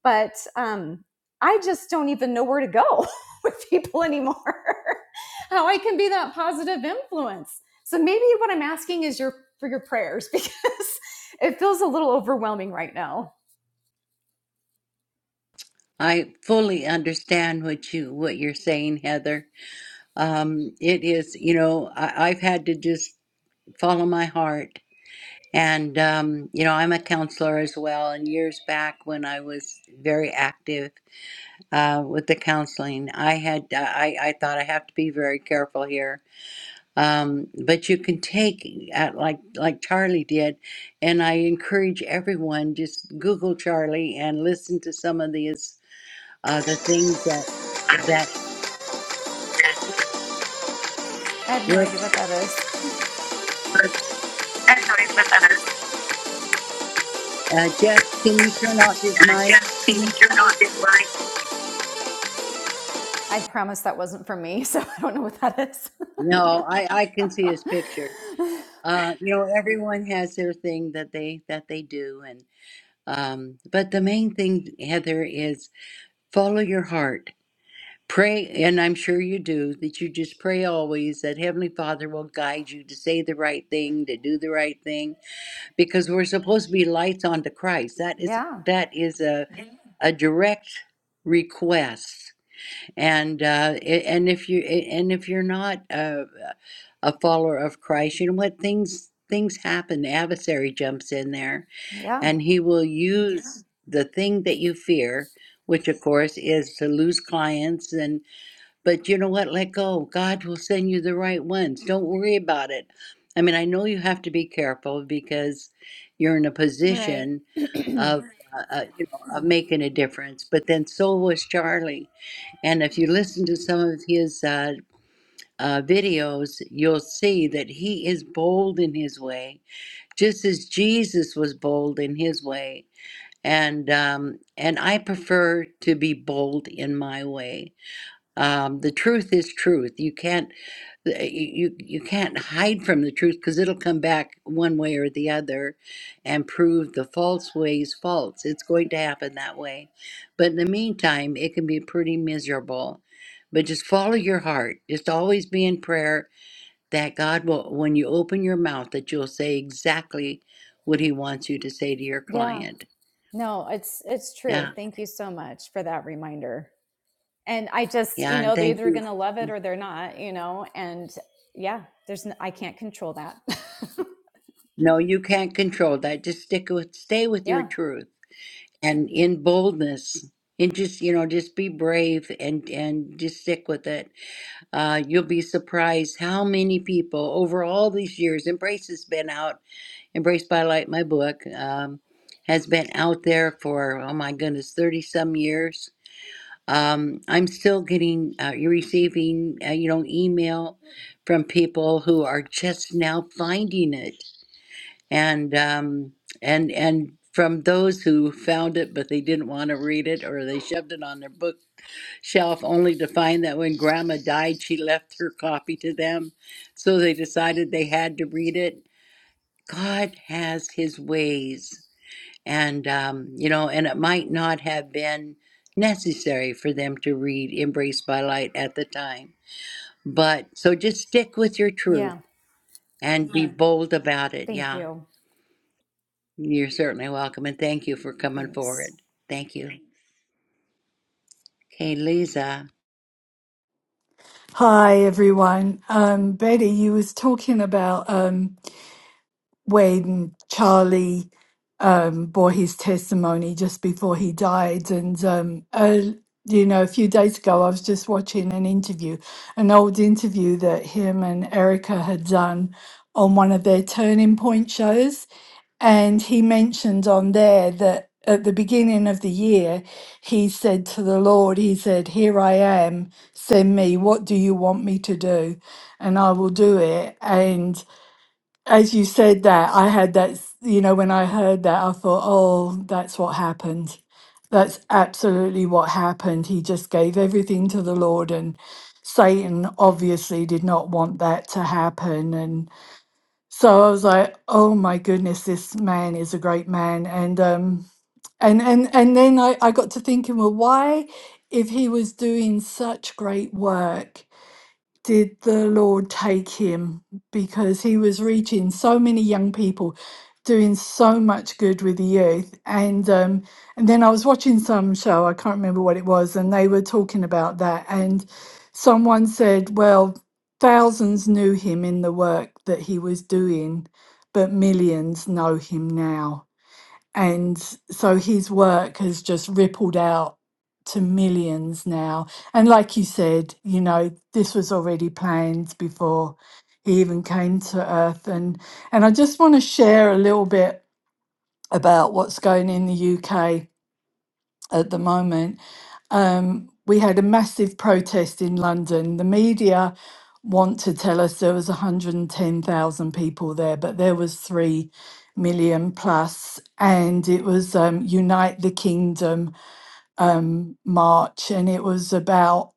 S6: but um, I just don't even know where to go <laughs> with people anymore, <laughs> how I can be that positive influence. So maybe what I'm asking is your for your prayers because <laughs> it feels a little overwhelming right now.
S2: I fully understand what you what you're saying, Heather. Um, it is, you know, I, I've had to just follow my heart, and um, you know, I'm a counselor as well. And years back, when I was very active uh, with the counseling, I had I I thought I have to be very careful here um, but you can take uh, like like Charlie did, and I encourage everyone just Google Charlie and listen to some of these uh, the things that
S7: That's
S2: that
S6: I have no idea
S2: whoops.
S6: what that is.
S7: how I felt.
S2: Uh, Jeff, can you turn off his
S7: I
S2: mic?
S7: just think you're not the right
S6: I promise that wasn't for me, <laughs> so I don't know what that is.
S2: No, I I can see his picture.
S6: <laughs>
S2: Uh, you know, everyone has their thing that they that they do, and um, but the main thing, Heather, is follow your heart Pray, and I'm sure you do, that you just pray always that Heavenly Father will guide you to say the right thing, to do the right thing, because we're supposed to be lights unto Christ. That is
S6: yeah.
S2: that is a a direct request, and uh, a- and if you and if you're not a, a follower of Christ, you know what things things happen. The adversary jumps in there,
S6: Yeah.
S2: and he will use Yeah. the thing that you fear, which of course is to lose clients and but you know what? Let go. God will send you the right ones. Don't worry about it. I mean, I know you have to be careful because you're in a
S6: Right.
S2: position
S6: <clears throat> yeah.
S2: of, uh, uh, you know, of making a difference. But then so was Charlie. And if you listen to some of his uh, uh, videos, you'll see that he is bold in his way, just as Jesus was bold in his way. And um, and I prefer to be bold in my way um, the truth is truth. You can't you you can't hide from the truth because it'll come back one way or the other and prove the false ways false it's going to happen that way but in the meantime it can be pretty miserable but just follow your heart just always be in prayer that god will when you open your mouth that you'll say exactly what he wants you to say to your client
S6: No, it's it's true.
S2: yeah
S6: Thank you so much for that reminder. And I just, you
S2: yeah and
S6: know, they're
S2: thank
S6: either
S2: you
S6: going to love it or they're not, you know, and yeah, there's n I can't control that.
S2: no you can't control that just stick with stay
S6: <laughs>
S2: with your
S6: yeah.
S2: truth and in boldness and just you know just be brave and and just stick with it uh, you'll be surprised how many people over all these years embrace has been out embrace by light my book um, has been out there for oh my goodness 30 some years um, i'm still getting uh, you're receiving uh, you know email from people who are just now finding it and um, and and from those who found it but they didn't want to read it or they shoved it on their bookshelf only to find that when grandma died she left her copy to them so they decided they had to read it god has his ways and um, you know and it might not have been necessary for them to read embraced by light at the time but so just stick with your truth
S6: Yeah.
S2: and be Mhm. bold about it
S6: Thank
S2: yeah
S6: you.
S2: You're certainly welcome, and thank you for coming
S6: Thanks.
S2: forward. Thank you. Okay, Lisa.
S8: Hi everyone. Um, Betty, you was talking about um, when Charlie um, bore his testimony just before he died. And, um, uh, you know, a few days ago, I was just watching an interview, an old interview that him and Erica had done on one of their turning point shows. And he mentioned on there that at the beginning of the year, he said to the Lord, He said, Here I am, send me. What do you want me to do? And I will do it. And as you said that, I had that, s- you know, when I heard that, I thought, oh, that's what happened. That's absolutely what happened. He just gave everything to the Lord, and Satan obviously did not want that to happen. And so I was like, oh my goodness, this man is a great man. And, um, and, and, and then I, I got to thinking, well, why, if he was doing such great work, did the Lord take him because he was reaching so many young people, doing so much good with the youth. And um, and then I was watching some show, I can't remember what it was, and they were talking about that. And someone said, well, thousands knew him in the work that he was doing, but millions know him now and so his work has just rippled out to millions now and like you said you know this was already planned before he even came to earth and and i just want to share a little bit about what's going in the uk at the moment. Um, we had a massive protest in London. The media want to tell us there was 110,000 people there, but there was 3 million plus, And it was um, Unite the Kingdom um, march. And it was about,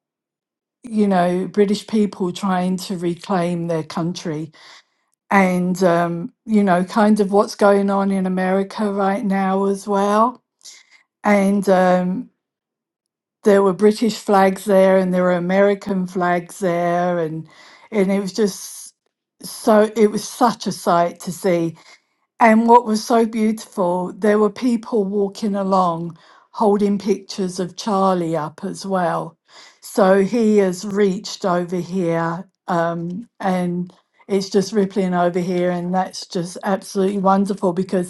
S8: you know, British people trying to reclaim their country. And, um, you know, kind of what's going on in America right now as well. And, um, there were British flags there and there were American flags there and and it was just so it was such a sight to see. And what was so beautiful, there were people walking along holding pictures of Charlie up as well. So he has reached over here um, and it's just rippling over here. And that's just absolutely wonderful because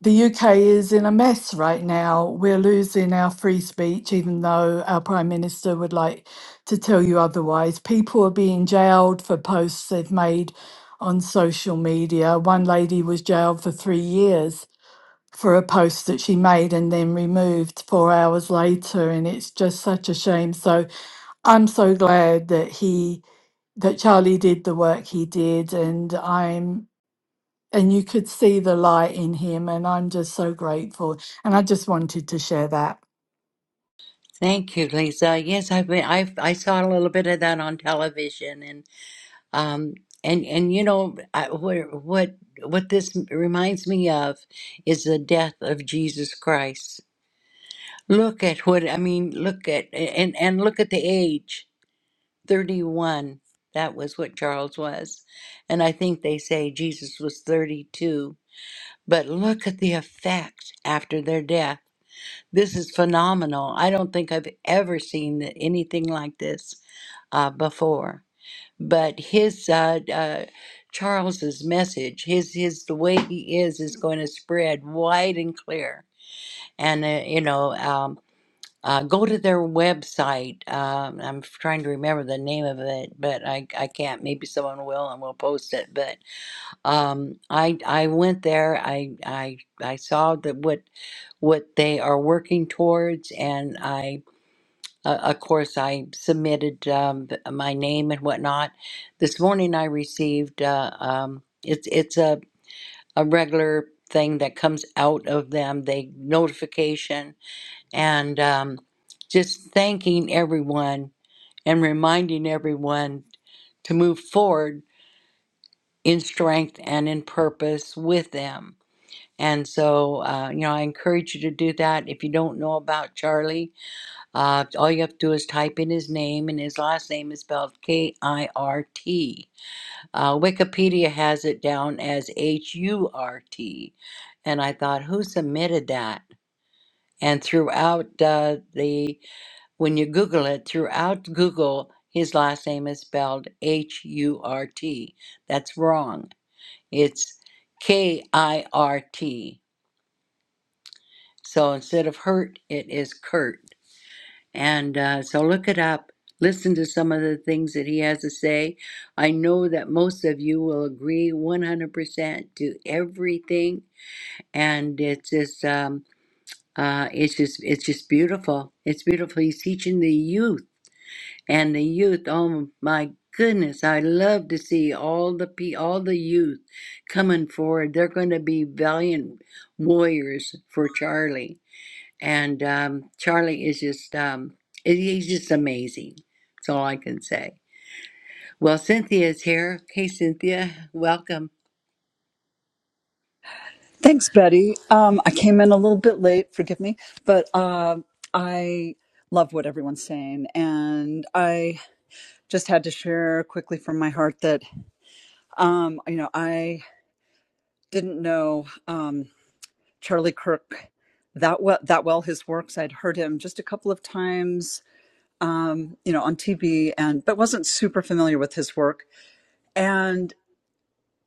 S8: the UK is in a mess right now. We're losing our free speech, even though our Prime Minister would like to tell you otherwise. People are being jailed for posts they've made on social media. One lady was jailed for three years for a post that she made and then removed four hours later. And it's just such a shame. So I'm so glad that he, that Charlie did the work he did. And I'm and you could see the light in him and i'm just so grateful and i just wanted to share that
S2: Thank you, Lisa. Yes, I've been. I I saw a little bit of that on television, and um, and and you know, I, what what what this reminds me of is the death of Jesus Christ. Look at what I mean. Look at and and look at the age, thirty-one. That was what Charles was, and I think they say Jesus was thirty-two But look at the effect after their death. This is phenomenal. I don't think I've ever seen th- anything like this uh, before. But his uh, uh, Charles's message, his his the way he is, is going to spread wide and clear. And uh, you know, um, uh, go to their website. Um, I'm trying to remember the name of it, but I, I can't. Maybe someone will, and we'll post it. But um, I I went there. I I I saw that what what they are working towards. And I, uh, of course, I submitted um, th- my name and whatnot. This morning, I received uh, um, it's it's a a regular thing that comes out of them. They notification and um, just thanking everyone and reminding everyone to move forward in strength and in purpose with them. And so, uh, you know, I encourage you to do that. If you don't know about Charlie, Uh, all you have to do is type in his name, and his last name is spelled K I R T. Uh, Wikipedia has it down as H U R T. And I thought, who submitted that? And throughout uh, the, when you Google it, throughout Google, his last name is spelled H U R T. That's wrong. It's K I R T. So instead of hurt, it is Kurt. And uh, so look it up. Listen to some of the things that he has to say. I know that most of you will agree 100% to everything, and it's just, um, uh, it's just, it's just beautiful. It's beautiful. He's teaching the youth, and the youth. Oh my goodness, I love to see all the pe- all the youth coming forward. They're going to be valiant warriors for Charlie and um, Charlie is just um, he's just amazing. That's all I can say. Well, Cynthia is here. Hey, Cynthia, welcome.
S9: Thanks, Betty. Um, I came in a little bit late, forgive me, but uh, I love what everyone's saying. And I just had to share quickly from my heart that, um, you know, I didn't know um, Charlie Kirk that well, that well, his works. I'd heard him just a couple of times, um, you know, on TV, and but wasn't super familiar with his work. And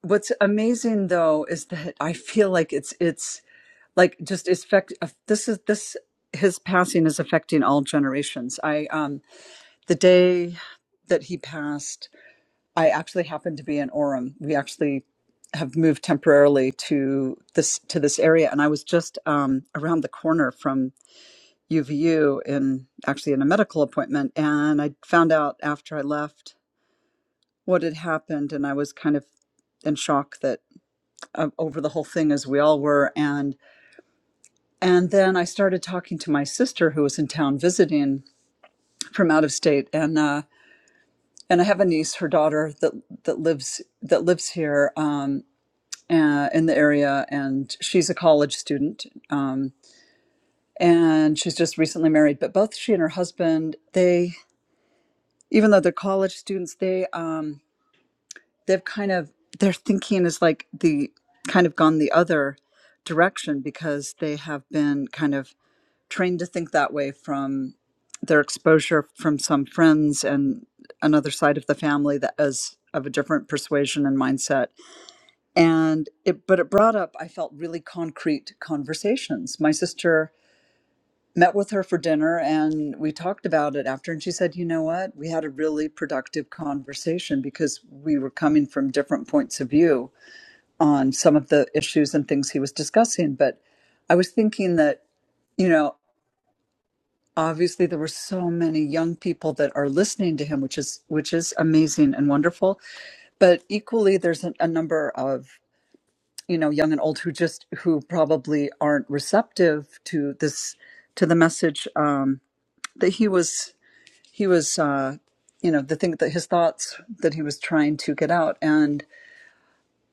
S9: what's amazing though is that I feel like it's it's like just is affect uh, this is this his passing is affecting all generations i um the day that he passed i actually happened to be in orem we actually have moved temporarily to this to this area and i was just um around the corner from uvu in actually in a medical appointment and i found out after i left what had happened and i was kind of in shock that uh, over the whole thing as we all were and. And then I started talking to my sister who was in town visiting from out of state, and uh, and I have a niece, her daughter that that lives that lives here um, uh, in the area, and she's a college student, um, and she's just recently married. But both she and her husband, they even though they're college students, they um, they've kind of their thinking is like the kind of gone the other direction because they have been kind of trained to think that way from their exposure from some friends and another side of the family that is of a different persuasion and mindset and it but it brought up i felt really concrete conversations my sister met with her for dinner and we talked about it after and she said you know what we had a really productive conversation because we were coming from different points of view on some of the issues and things he was discussing but i was thinking that you know obviously there were so many young people that are listening to him which is which is amazing and wonderful but equally there's a, a number of you know young and old who just who probably aren't receptive to this to the message um that he was he was uh you know the thing that his thoughts that he was trying to get out and.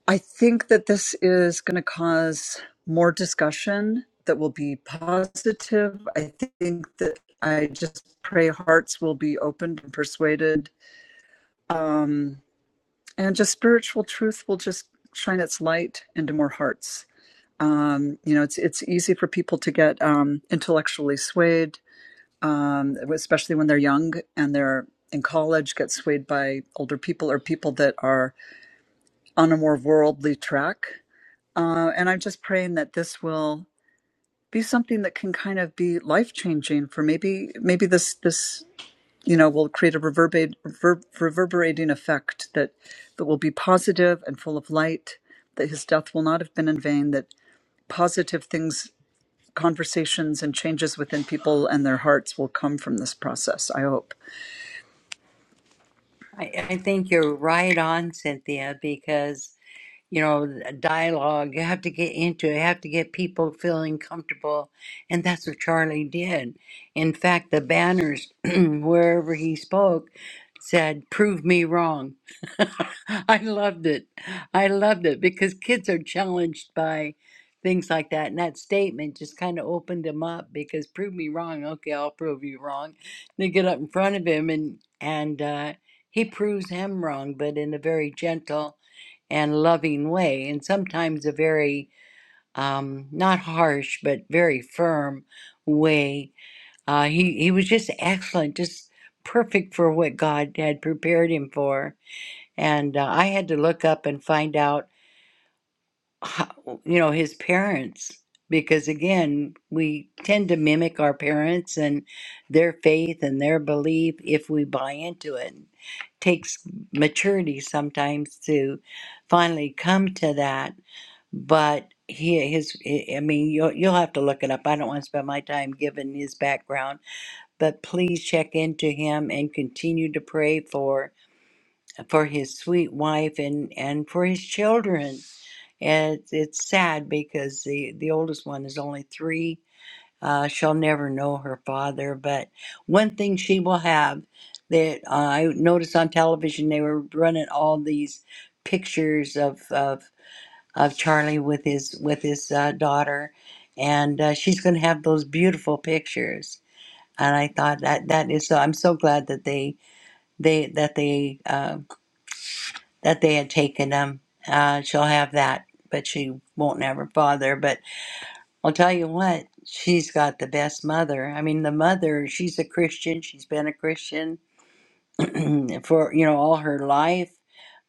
S9: I think that this is going to cause more discussion that will be positive. I think that I just pray hearts will be opened and persuaded, um, and just spiritual truth will just shine its light into more hearts. Um, you know, it's it's easy for people to get um, intellectually swayed, um, especially when they're young and they're in college, get swayed by older people or people that are on a more worldly track Uh, and I'm just praying that this will be something that can kind of be life changing for maybe maybe this this you know will create a reverberate rever- reverberating effect that that will be positive and full of light. That his death will not have been in vain. That positive things, conversations, and changes within people and their hearts will come from this process. I hope.
S2: I, I think you're right on, Cynthia, because you know, dialogue. You have to get into it. You have to get people feeling comfortable. And that's what Charlie did. In fact, the banners, <clears throat> wherever he spoke, said, Prove me wrong. <laughs> I loved it. I loved it because kids are challenged by things like that. And that statement just kind of opened him up because prove me wrong. Okay, I'll prove you wrong. They get up in front of him and, and, uh, he proves him wrong, but in a very gentle and loving way, and sometimes a very um, not harsh but very firm way. Uh, he he was just excellent, just perfect for what God had prepared him for. And uh, I had to look up and find out, how, you know, his parents because again we tend to mimic our parents and their faith and their belief if we buy into it takes maturity sometimes to finally come to that but he his i mean you'll, you'll have to look it up i don't want to spend my time giving his background but please check into him and continue to pray for for his sweet wife and and for his children and it's, it's sad because the the oldest one is only three uh, she'll never know her father but one thing she will have that uh, i noticed on television they were running all these pictures of of of Charlie with his with his uh, daughter, and uh, she's going to have those beautiful pictures. And I thought that that is so. I'm so glad that they they that they uh, that they had taken them. Uh, she'll have that, but she won't have her father. But I'll tell you what, she's got the best mother. I mean, the mother. She's a Christian. She's been a Christian <clears throat> for you know all her life.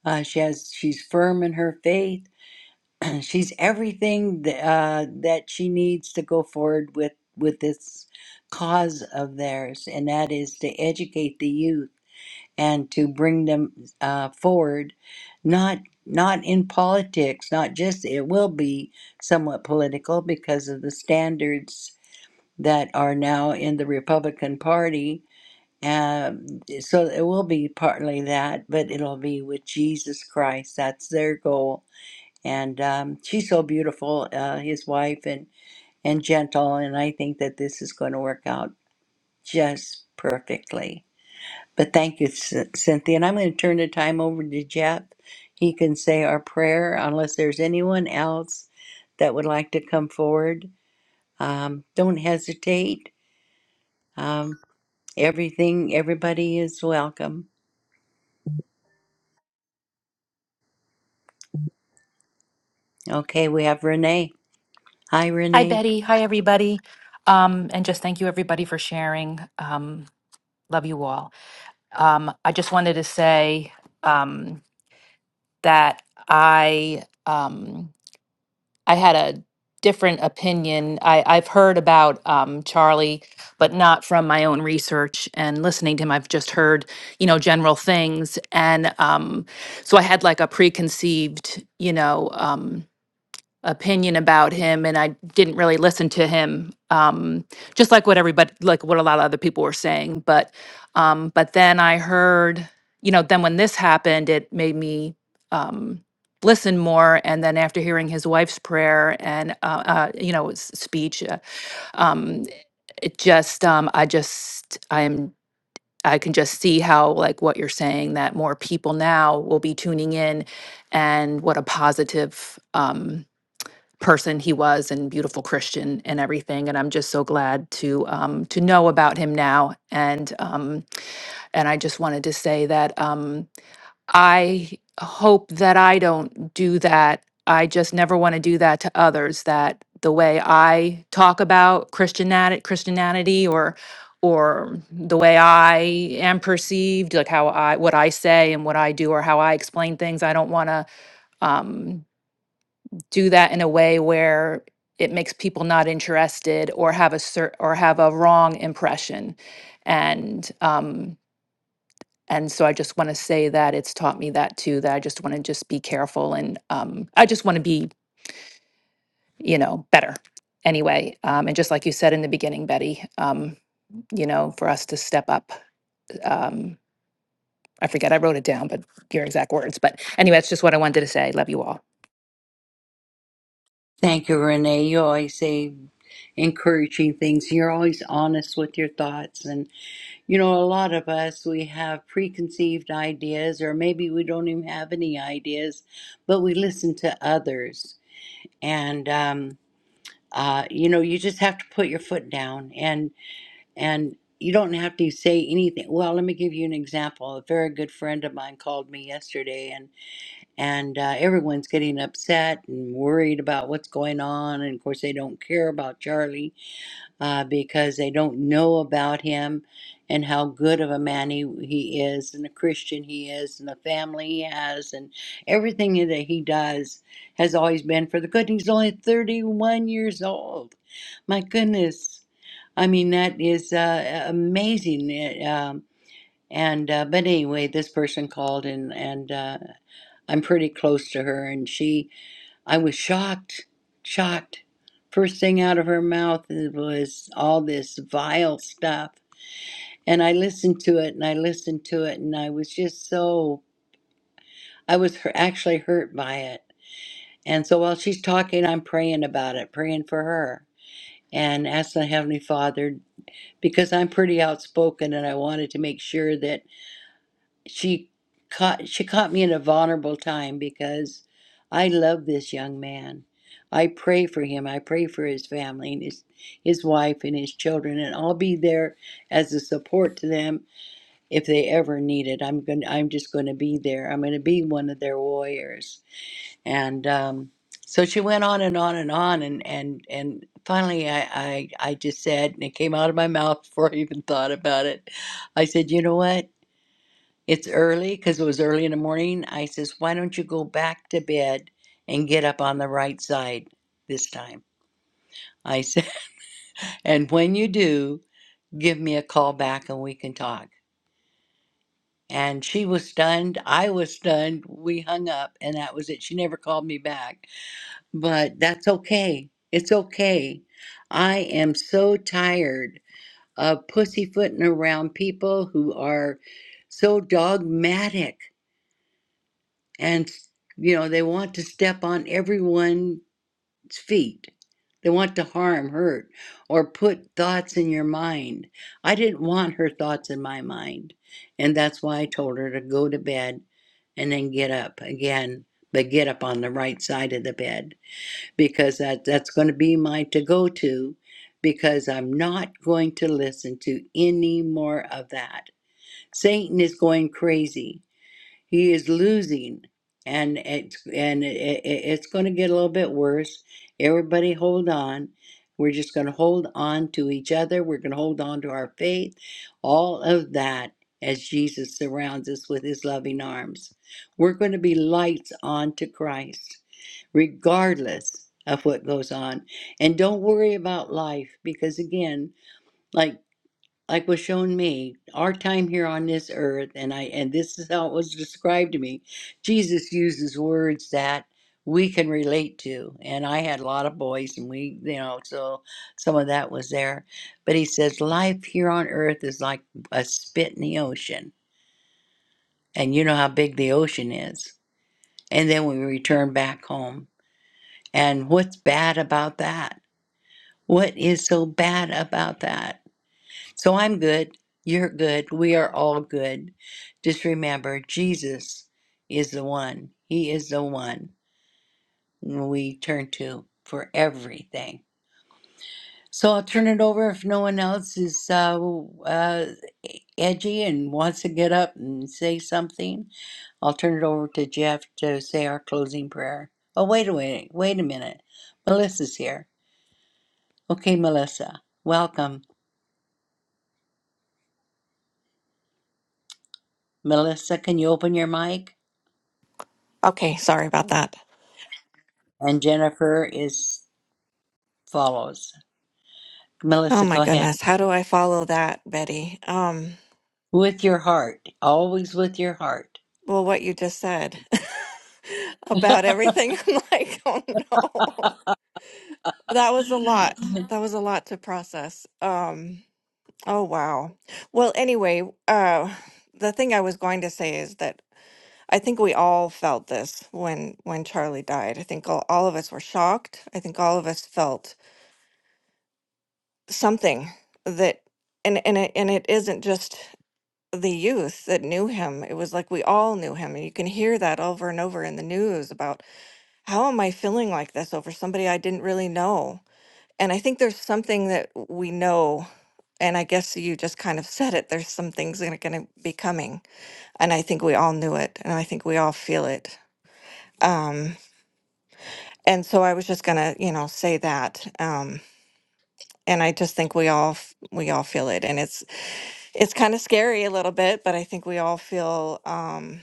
S2: Uh, she has she's firm in her faith <clears throat> she's everything th- uh, that she needs to go forward with with this cause of theirs, and that is to educate the youth and to bring them uh, forward, not not in politics, not just it will be somewhat political because of the standards that are now in the Republican Party. Um, so it will be partly that, but it'll be with Jesus Christ. That's their goal and um, she's so beautiful, uh, his wife, and and gentle. And I think that this is going to work out just perfectly. But thank you, C- Cynthia. And I'm going to turn the time over to Jeff. He can say our prayer unless there's anyone else that would like to come forward. Um, don't hesitate. Um, everything, everybody is welcome. Okay, we have Renee. Hi,
S10: Hi,
S2: Renee.
S10: Betty. Hi, everybody. Um, and just thank you, everybody, for sharing. Um, love you all. Um, I just wanted to say um, that I um, I had a different opinion. I, I've heard about um, Charlie, but not from my own research and listening to him. I've just heard, you know, general things, and um, so I had like a preconceived, you know. Um, opinion about him and I didn't really listen to him um just like what everybody like what a lot of other people were saying but um but then I heard you know then when this happened it made me um listen more and then after hearing his wife's prayer and uh, uh you know s- speech uh, um it just um I just I am I can just see how like what you're saying that more people now will be tuning in and what a positive um person he was and beautiful Christian and everything. And I'm just so glad to um, to know about him now. And um, and I just wanted to say that um, I hope that I don't do that. I just never want to do that to others. That the way I talk about Christianity, Christianity, or or the way I am perceived, like how I what I say and what I do or how I explain things. I don't want to. Um, do that in a way where it makes people not interested or have a cer- or have a wrong impression and um and so i just want to say that it's taught me that too that i just want to just be careful and um i just want to be you know better anyway um and just like you said in the beginning betty um you know for us to step up um I forget, I wrote it down, but your exact words. But anyway, that's just what I wanted to say. Love you all.
S2: Thank you, Renee. You always say encouraging things. You're always honest with your thoughts. And, you know, a lot of us, we have preconceived ideas, or maybe we don't even have any ideas, but we listen to others. And, um, uh, you know, you just have to put your foot down and, and, you don't have to say anything. Well, let me give you an example. A very good friend of mine called me yesterday and and uh, everyone's getting upset and worried about what's going on. And of course, they don't care about Charlie uh, because they don't know about him and how good of a man he, he is, and a Christian he is, and the family he has, and everything that he does has always been for the good. He's only 31 years old. My goodness. I mean, that is uh, amazing. It, um, and uh, but anyway, this person called and and uh, I'm pretty close to her, and she, I was shocked, shocked. First thing out of her mouth was all this vile stuff. And I listened to it and I listened to it, and I was just so, I was hu- actually hurt by it. And so while she's talking, I'm praying about it, praying for her, and asking the Heavenly Father, because I'm pretty outspoken and I wanted to make sure that she caught she caught me in a vulnerable time because I love this young man. I pray for him. I pray for his family and his his wife and his children, and I'll be there as a support to them if they ever need it. I'm going. to I'm just going to be there. I'm going to be one of their warriors. And um, so she went on and on and on, and and and finally, I, I I just said, and it came out of my mouth <laughs> before I even thought about it. I said, you know what? It's early because it was early in the morning. I says, Why don't you go back to bed and get up on the right side this time? I said, <laughs> And when you do, give me a call back and we can talk. And she was stunned. I was stunned. We hung up and that was it. She never called me back. But that's okay. It's okay. I am so tired of pussyfooting around people who are so dogmatic and you know they want to step on everyone's feet they want to harm hurt or put thoughts in your mind i didn't want her thoughts in my mind and that's why i told her to go to bed and then get up again but get up on the right side of the bed because that that's going to be my to go to because I'm not going to listen to any more of that. Satan is going crazy he is losing and it's and it, it, it's going to get a little bit worse everybody hold on we're just going to hold on to each other we're going to hold on to our faith all of that as jesus surrounds us with his loving arms we're going to be lights on to christ regardless of what goes on and don't worry about life because again like like was shown me, our time here on this earth, and I and this is how it was described to me. Jesus uses words that we can relate to, and I had a lot of boys, and we, you know, so some of that was there. But he says, life here on earth is like a spit in the ocean, and you know how big the ocean is. And then we return back home, and what's bad about that? What is so bad about that? So I'm good. You're good. We are all good. Just remember, Jesus is the one. He is the one we turn to for everything. So I'll turn it over if no one else is uh, uh, edgy and wants to get up and say something. I'll turn it over to Jeff to say our closing prayer. Oh, wait a minute. Wait a minute. Melissa's here. Okay, Melissa. Welcome. Melissa, can you open your mic?
S11: Okay, sorry about that.
S2: And Jennifer is follows.
S11: Oh
S2: Melissa,
S11: my
S2: go ahead.
S11: goodness, how do I follow that, Betty? Um,
S2: With your heart, always with your heart.
S11: well, what you just said <laughs>
S2: <laughs> there
S11: about everything, <laughs> I'm like, oh no, that was a lot. That was a lot to process. Um, oh wow. Well, anyway, uh, the thing I was going to say is that I think we all felt this when when Charlie died. I think all, all of us were shocked. I think all of us felt something that, and and it, and it isn't just. the youth that knew him. It was like we all knew him. And you can hear that over and over in the news about how am I feeling like this over somebody I didn't really know? And I think there's something that we know. And I guess you just kind of said it. There's some things that are going to be coming. And I think we all knew it. And I think we all feel it. Um, and so I was just going to, you know, say that. Um, and I just think we all, f- we all feel it. And it's, it's kind of scary a little bit, but I think we all feel um,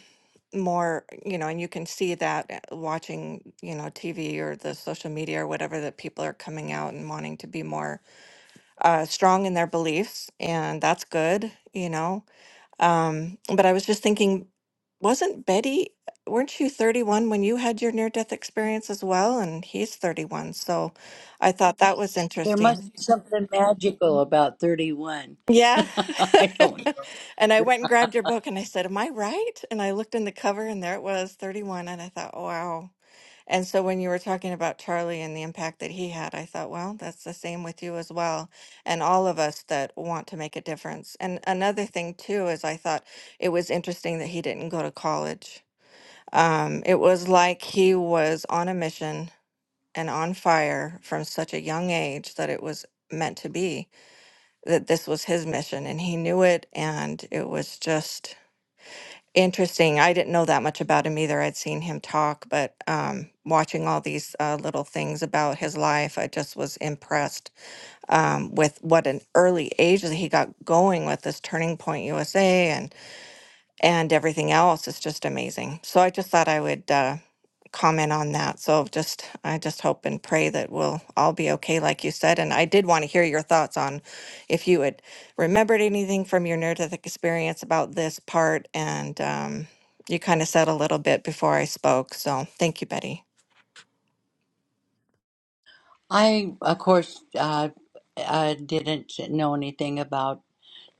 S11: more, you know, and you can see that uh, watching, you know, TV or the social media or whatever that people are coming out and wanting to be more uh, strong in their beliefs, and that's good, you know. Um, but I was just thinking, wasn't Betty, weren't you 31 when you had your near death experience as well? And he's 31, so I thought that was interesting.
S2: must be something magical about 31. <laughs>
S11: Yeah.
S2: I
S11: <laughs>
S2: don't.
S11: and I went and grabbed your book and I said, Am I right? And I looked in the cover and there it was, 31. And I thought, wow. And so when you were talking about Charlie and the impact that he had, I thought, well, that's the same with you as well. And all of us that want to make a difference. And another thing, too, is I thought it was interesting that he didn't go to college. Um, it was like he was on a mission and on fire from such a young age that it was meant to be that this was his mission and he knew it and it was just interesting i didn't know that much about him either i'd seen him talk but um, watching all these uh, little things about his life i just was impressed um, with what an early age that he got going with this turning point usa and everything else is just amazing. So I just thought I would uh, comment on that. So just I just hope and pray that we'll all be okay, like you said. And I did want to hear your thoughts on if you had remembered anything from your near death experience about this part. And um, you kind of said a little bit before I spoke. So thank you, Betty.
S2: I, of course, uh, I didn't know anything about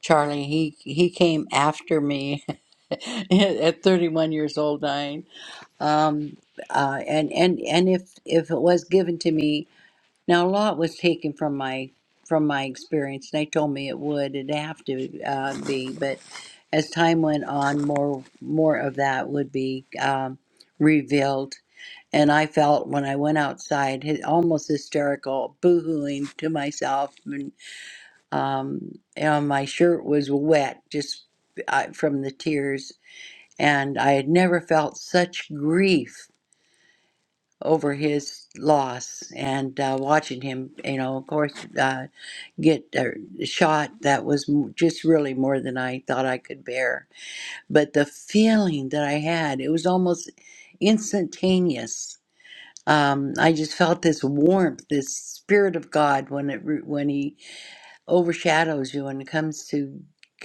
S2: Charlie. He he came after me <laughs> at 31 years old, dying. Um, uh, and and and if if it was given to me. Now, a lot was taken from my from my experience. They told me it would, it'd have to uh, be, but as time went on, more more of that would be um, revealed. And I felt when I went outside, hy- almost hysterical, boohooing to myself, and um, you know, my shirt was wet just uh, from the tears. And I had never felt such grief over his loss and uh, watching him, you know, of course, uh, get uh, shot. That was m- just really more than I thought I could bear. But the feeling that I had, it was almost instantaneous. Um, I just felt this warmth, this spirit of God when it re- when He overshadows you and comes to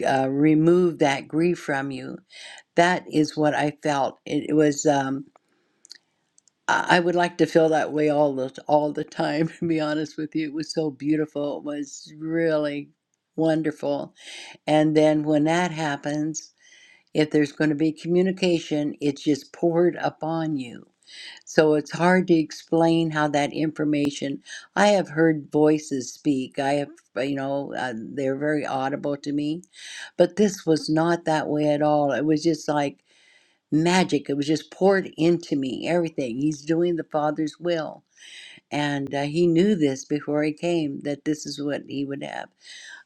S2: uh, remove that grief from you. That is what I felt. It, it was. Um, I I would like to feel that way all the all the time. <laughs> To be honest with you, it was so beautiful. It was really wonderful. And then when that happens, if there's going to be communication, it's just poured upon you. So it's hard to explain how that information. I have heard voices speak. I have, uh, you know, uh, they're very audible to me, but this was not that way at all. It was just like magic. It was just poured into me, everything. He's doing the Father's will. And uh, he knew this before he came that this is what he would have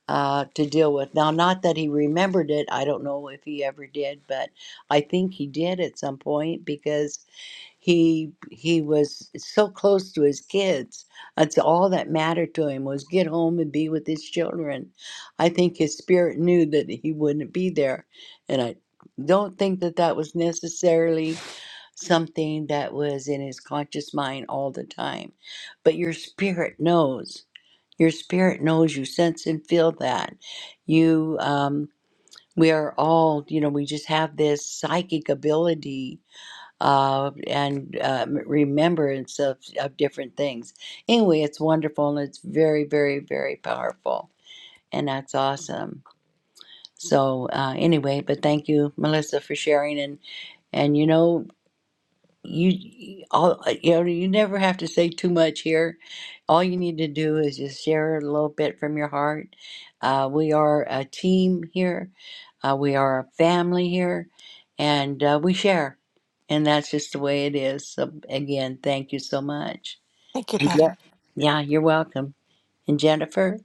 S2: uh, to deal with. Now, not that he remembered it. I don't know if he ever did, but I think he did at some point because he he was so close to his kids. That's all that mattered to him was get home and be with his children. I think his spirit knew that he wouldn't be there, and I don't think that that was necessarily something that was in his conscious mind all the time. But your spirit knows. Your spirit knows. You sense and feel that. You, um, we are all, you know, we just have this psychic ability uh, and uh, remembrance of, of different things. Anyway, it's wonderful and it's very, very, very powerful. And that's awesome. So, uh, anyway, but thank you, Melissa, for sharing. And, and you know, you all uh, you know you never have to say too much here all you need to do is just share a little bit from your heart uh, we are a team here uh, we are a family here and uh, we share and that's just the way it is so again thank you so much
S11: Thank you,
S2: Thank yeah
S11: Betty.
S2: yeah you're welcome and jennifer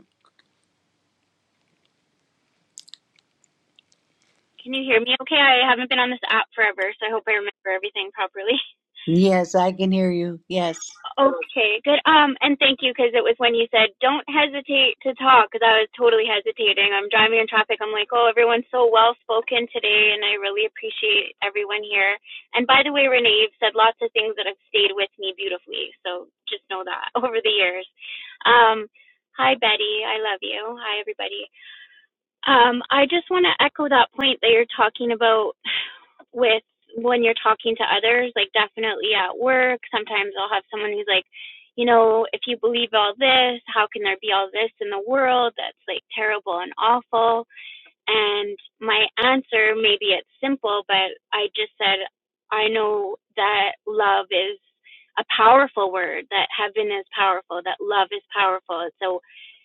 S12: Can you hear me okay? I haven't been on this app forever, so I hope I remember everything properly. <laughs>
S2: yes i can hear you yes
S12: Okay, good. Um, and thank you because it was when you said don't hesitate to talk because I was totally hesitating. I'm driving in traffic. I'm like, oh, everyone's so well spoken today, and I really appreciate everyone here. And by the way, Renee, you've said lots of things that have stayed with me beautifully, so just know that <laughs> over the years. Um, hi, Betty. I love you. Hi, everybody. Um, I just want to echo that point that you're talking about with when you're talking to others, like definitely at work, sometimes I'll have someone who's like, you know, if you believe all this, how can there be all this in the world that's like terrible and awful? And my answer, maybe it's simple, but I just said, I know that love is a powerful word, that heaven is powerful, that love is powerful. So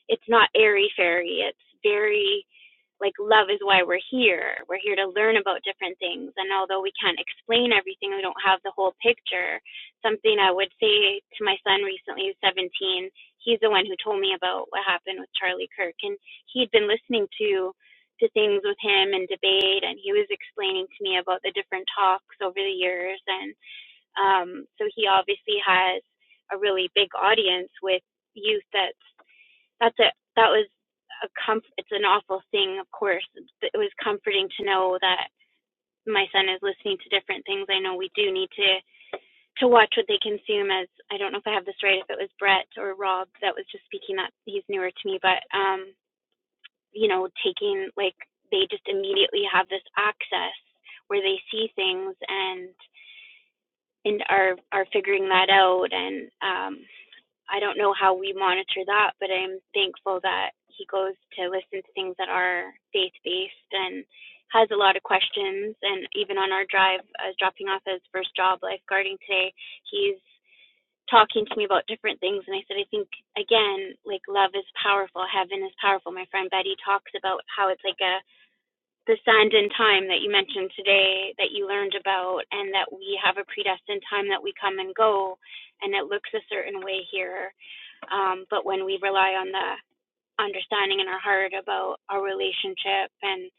S12: it's not airy fairy, it's very like love is why we're here. We're here to learn about different things. And although we can't explain everything, we don't have the whole picture. Something I would say to my son recently, who's 17, he's the one who told me about what happened with Charlie Kirk. And he'd been listening to to things with him and debate and he was explaining to me about the different talks over the years and um so he obviously has a really big audience with youth that's that's it. That was a comf- It's an awful thing, of course. It was comforting to know that my son is listening to different things. I know we do need to to watch what they consume. As I don't know if I have this right, if it was Brett or Rob that was just speaking. That he's newer to me, but um, you know, taking like they just immediately have this access where they see things and and are are figuring that out and um I don't know how we monitor that, but I'm thankful that he goes to listen to things that are faith based and has a lot of questions. And even on our drive, I was dropping off his first job lifeguarding today. He's talking to me about different things. And I said, I think, again, like love is powerful, heaven is powerful. My friend Betty talks about how it's like a the send in time that you mentioned today that you learned about and that we have a predestined time that we come and go and it looks a certain way here um, but when we rely on the understanding in our heart about our relationship and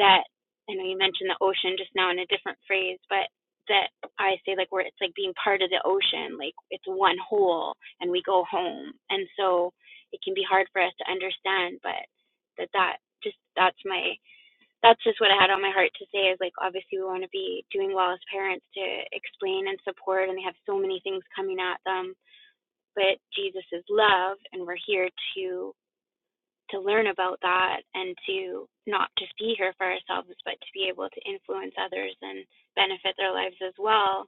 S12: that i know you mentioned the ocean just now in a different phrase but that i say like where it's like being part of the ocean like it's one whole and we go home and so it can be hard for us to understand but that that just that's my that's just what I had on my heart to say is like obviously we want to be doing well as parents to explain and support and they have so many things coming at them but Jesus is love and we're here to to learn about that and to not just be here for ourselves but to be able to influence others and benefit their lives as well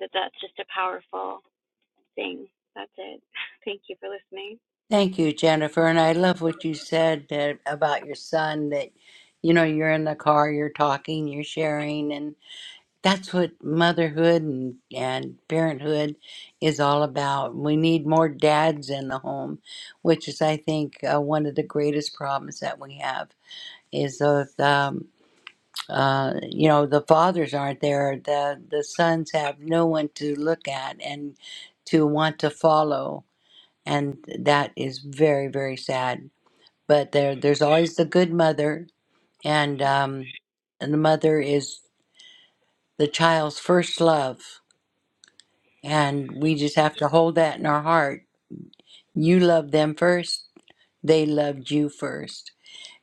S12: that that's just a powerful thing that's it <laughs> thank you for listening
S2: Thank you, Jennifer. And I love what you said that, about your son that, you know, you're in the car, you're talking, you're sharing. And that's what motherhood and, and parenthood is all about. We need more dads in the home, which is, I think, uh, one of the greatest problems that we have is the, um, uh, you know, the fathers aren't there. The, the sons have no one to look at and to want to follow. And that is very, very sad but there there's always the good mother and um and the mother is the child's first love and we just have to hold that in our heart you love them first they loved you first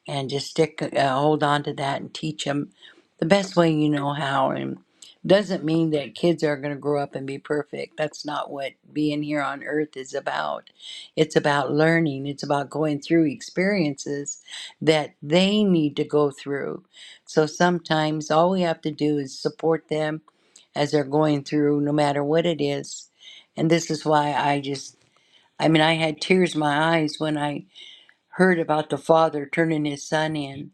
S2: and just stick uh, hold on to that and teach them the best way you know how and doesn't mean that kids are going to grow up and be perfect that's not what being here on earth is about it's about learning it's about going through experiences that they need to go through so sometimes all we have to do is support them as they're going through no matter what it is and this is why i just i mean i had tears in my eyes when i heard about the father turning his son in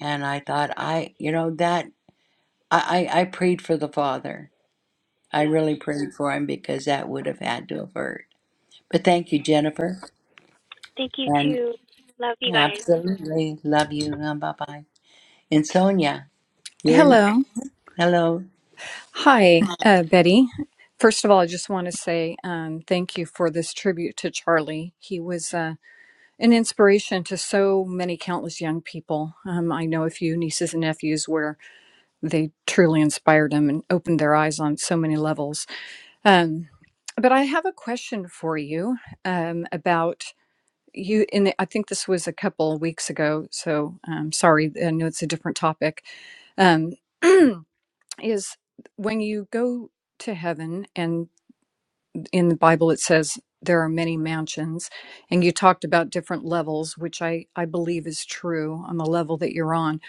S2: and i thought i you know that i i, I prayed for the father i
S12: yeah
S2: really prayed for him because that would have had to have hurt but thank you jennifer
S12: thank you
S2: and
S12: too love you guys
S2: absolutely love you bye-bye and
S12: bye
S2: sonia you're next.
S13: Hello.
S2: hello
S13: Hi, uh, Betty. First of all, I just want to say um, thank you for this tribute to Charlie. He was uh, an inspiration to so many countless young people. Um, I know a few nieces and nephews where they truly inspired them and opened their eyes on so many levels. Um, but I have a question for you um, about you. In the, I think this was a couple of weeks ago, so um, sorry. I know it's a different topic. Um, <clears throat> is when you go to heaven and in the bible it says there are many mansions and you talked about different levels which i i believe is true on the level that you're on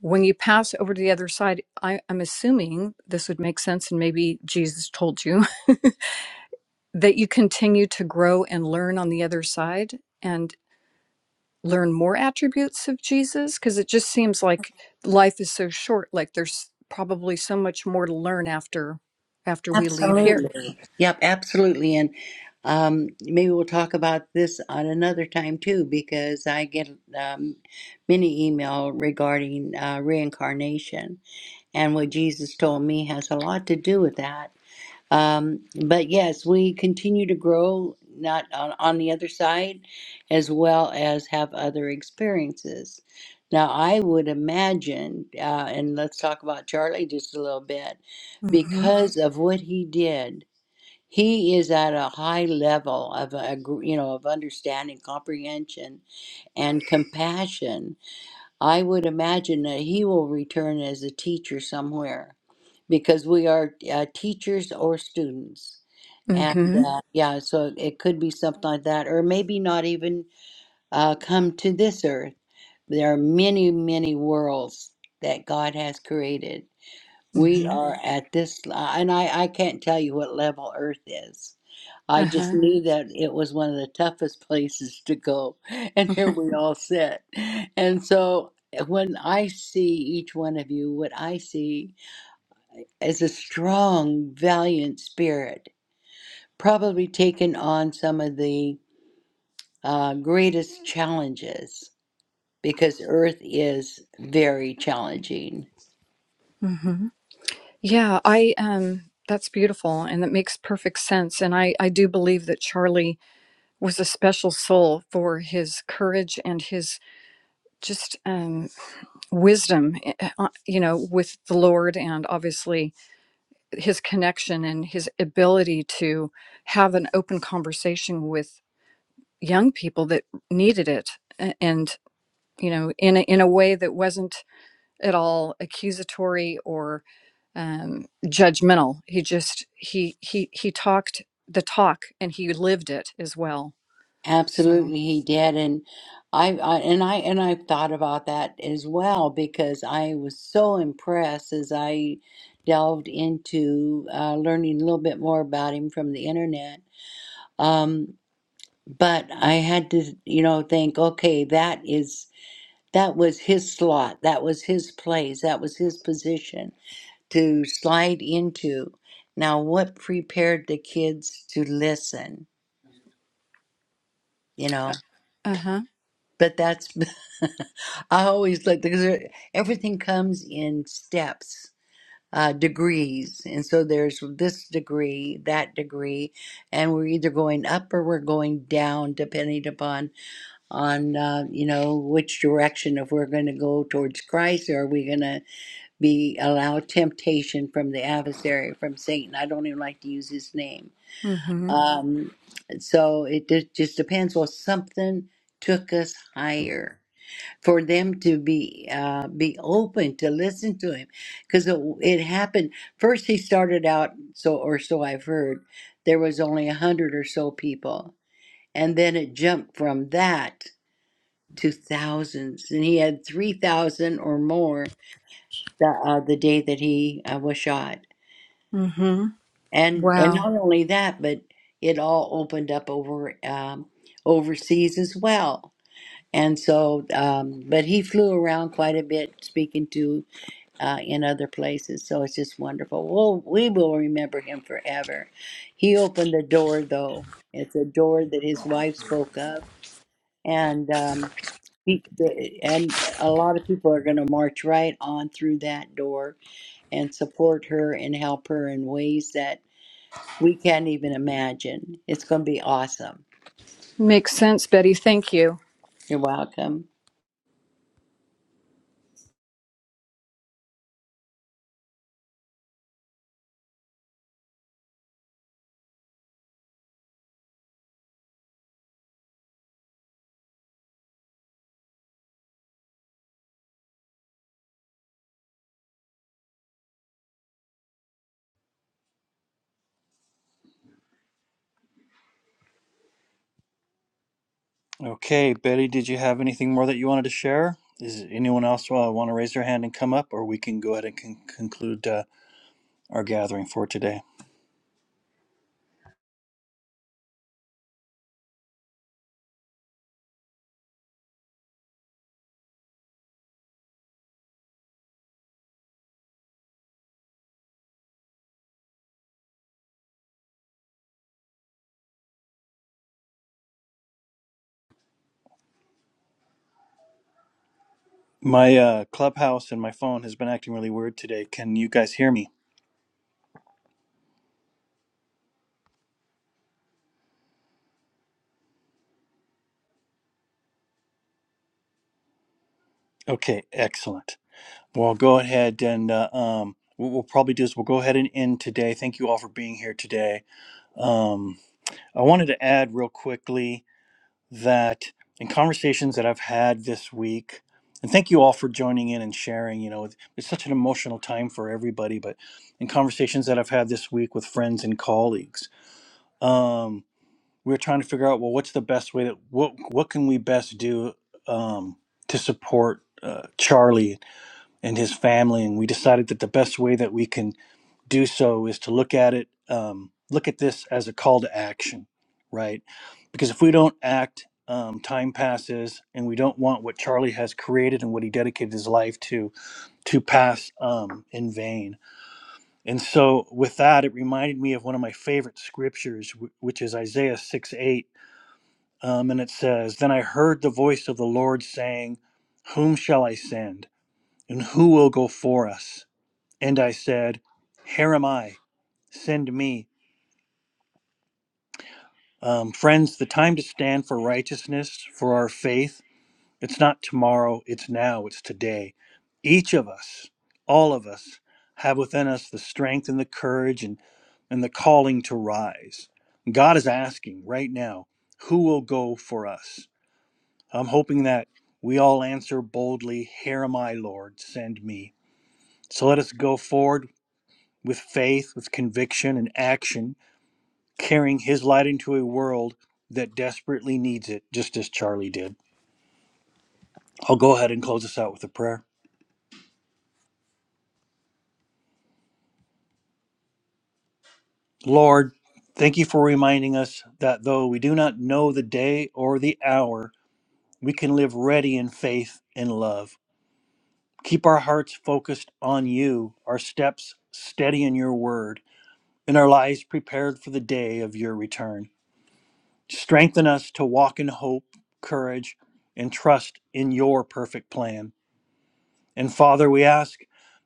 S13: when you pass over to the other side I, i'm assuming this would make sense and maybe jesus told you <laughs> that you continue to grow and learn on the other side. And learn more attributes of Jesus? Because it just seems like life is so short. Like there's probably so much more to learn after after we leave here.
S2: absolutely yep absolutely and um, maybe we'll talk about this on another time too because i get um, many email regarding uh, reincarnation and what Jesus told me has a lot to do with that. Um, but yes, we continue to grow, not on, on the other side, as well as have other experiences. Now, I would imagine, uh, and let's talk about Charlie just a little bit,
S13: Mm-hmm.
S2: because of what he did. He is at a high level of a, you know of understanding, comprehension, and compassion I would imagine that he will return as a teacher somewhere because we are uh, teachers or students. And
S13: Mm-hmm.
S2: uh, yeah, so it could be something like that, or maybe not even uh, come to this earth. There are many, many worlds that God has created. We
S13: Mm-hmm.
S2: are at this, uh, and I, I can't tell you what level Earth is. I just
S13: Uh-huh.
S2: knew that it was one of the toughest places to go, <laughs> and here we all sit. And so eh, when I see each one of you, what I see is a strong, valiant spirit, probably taken on some of the uh, greatest challenges because Earth is very challenging
S13: Mm-hmm. Yeah, I um that's beautiful and that makes perfect sense. And I, I do believe that Charlie was a special soul for his courage and his just um, wisdom, eh, eh, uh, you know, with the Lord and obviously his connection and his ability to have an open conversation with young people that needed it and you know in a, in a way that wasn't at all accusatory or um, judgmental he just he he he talked the talk and he lived it as well so
S2: Absolutely, he did, and I, I and I and I've thought about that as well because I was so impressed as I delved into uh, learning a little bit more about him from the internet. Um, but I had to, you know, think, okay, that is that was his slot, that was his place, that was his position to slide into. Now, what prepared the kids to listen? You know.
S13: uh, uh-huh
S2: But that's, <laughs> I always like, because there- everything comes in steps, uh, degrees. And so there's this degree, that degree, and we're either going up or we're going down, depending upon, on, uh, you know, which direction, if we're going to go towards Christ or are we going to be, allow temptation from the adversary, from Satan. I don't even like to use his name.
S13: mm-hmm
S2: Um, so it just, just depends. Well, something took us higher for them to be uh, be open to listen to him because it, it happened first he started out so or so i've heard there was only a hundred or so people and then it jumped from that to thousands and he had 3000 or more the, uh, the day that he uh, was shot
S13: mm-hmm
S2: and and
S13: wow
S2: not only that but it all opened up over um, overseas as well and so um, but he flew around quite a bit speaking to uh, in other places. So it's just wonderful. Well, we will remember him forever. He opened a door, though. It's a door that his wife spoke of, and um, he, the, and a lot of people are going to march right on through that door and support her and help her in ways that we can't even imagine. It's going to be awesome.
S13: makes sense betty thank you
S2: You're welcome.
S1: Okay, Betty, did you have anything more that you wanted to share? Is anyone else uh, want to raise their hand and come up, or we can go ahead and con- conclude uh, our gathering for today? My uh, Clubhouse and my phone has been acting really weird today. Can you guys hear me? Okay, excellent. Well, go ahead and uh, um, what we'll probably do is we'll go ahead and end today. Thank you all for being here today. Um, I wanted to add real quickly that in conversations that I've had this week, and thank you all for joining in and sharing. You know, it's such an emotional time for everybody, but in conversations that I've had this week with friends and colleagues, um, we we're trying to figure out well, what's the best way that what what can we best do um, to support uh, Charlie and his family. And we decided that the best way that we can do so is to look at it, um, look at this as a call to action, right? Because if we don't act, um, time passes, and we don't want what Charlie has created and what he dedicated his life to to pass um, in vain. And so, with that, it reminded me of one of my favorite scriptures, wh- which is Isaiah 6 8. Um, and it says, Then I heard the voice of the Lord saying, 'Whom shall I send? And who will go for us? And I said, Here am I, send me. Um, friends, the time to stand for righteousness, for our faith, it's not tomorrow, it's now, it's today. Each of us, all of us, have within us the strength and the courage and, and the calling to rise. God is asking right now, who will go for us? I'm hoping that we all answer boldly, Here am I, Lord, send me. So let us go forward with faith, with conviction and action carrying his light into a world that desperately needs it, just as Charlie did. I'll go ahead and close us out with a prayer. Lord, thank you for reminding us that though we do not know the day or the hour, we can live ready in faith and love. Keep our hearts focused on you, our steps steady in your word, and our lives prepared for the day of your return. Strengthen us to walk in hope, courage, and trust in your perfect plan. And Father, we ask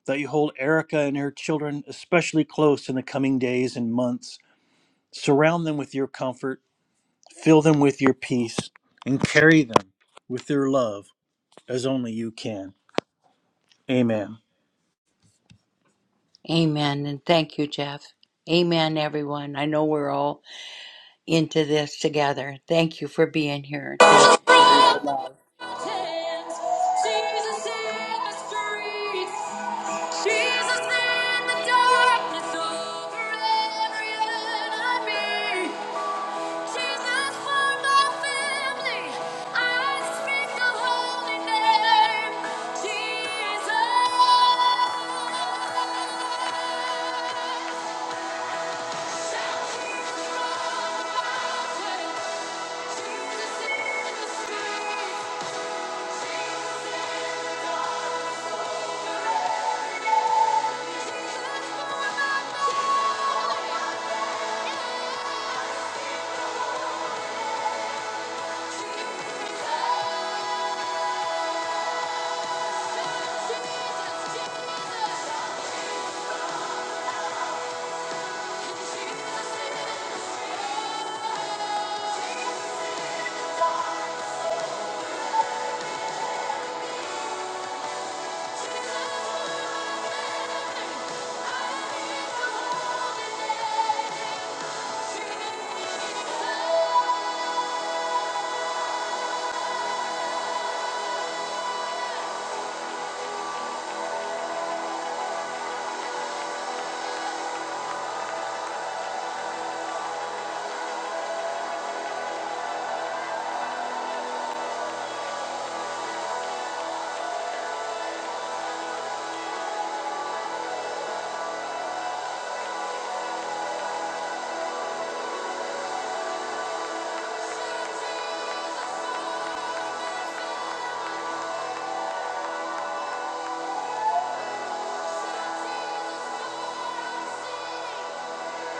S1: that you hold Erica and her children especially close in the coming days and months. Surround them with your comfort, fill them with your peace, and carry them with your love as only you can. Amen.
S2: Amen, and thank you, Jeff. Amen, everyone. I know we're all into this together. Thank you for being here. Thank you for your love.
S1: Jesus in the streets. Jesus in the darkness over every enemy. Jesus for my family, I speak the holy name, Jesus. Shouting from the mountain, Jesus in the street, Jesus in the darkness forever. Jesus for my family, Jesus, Jesus, Jesus. Thank you.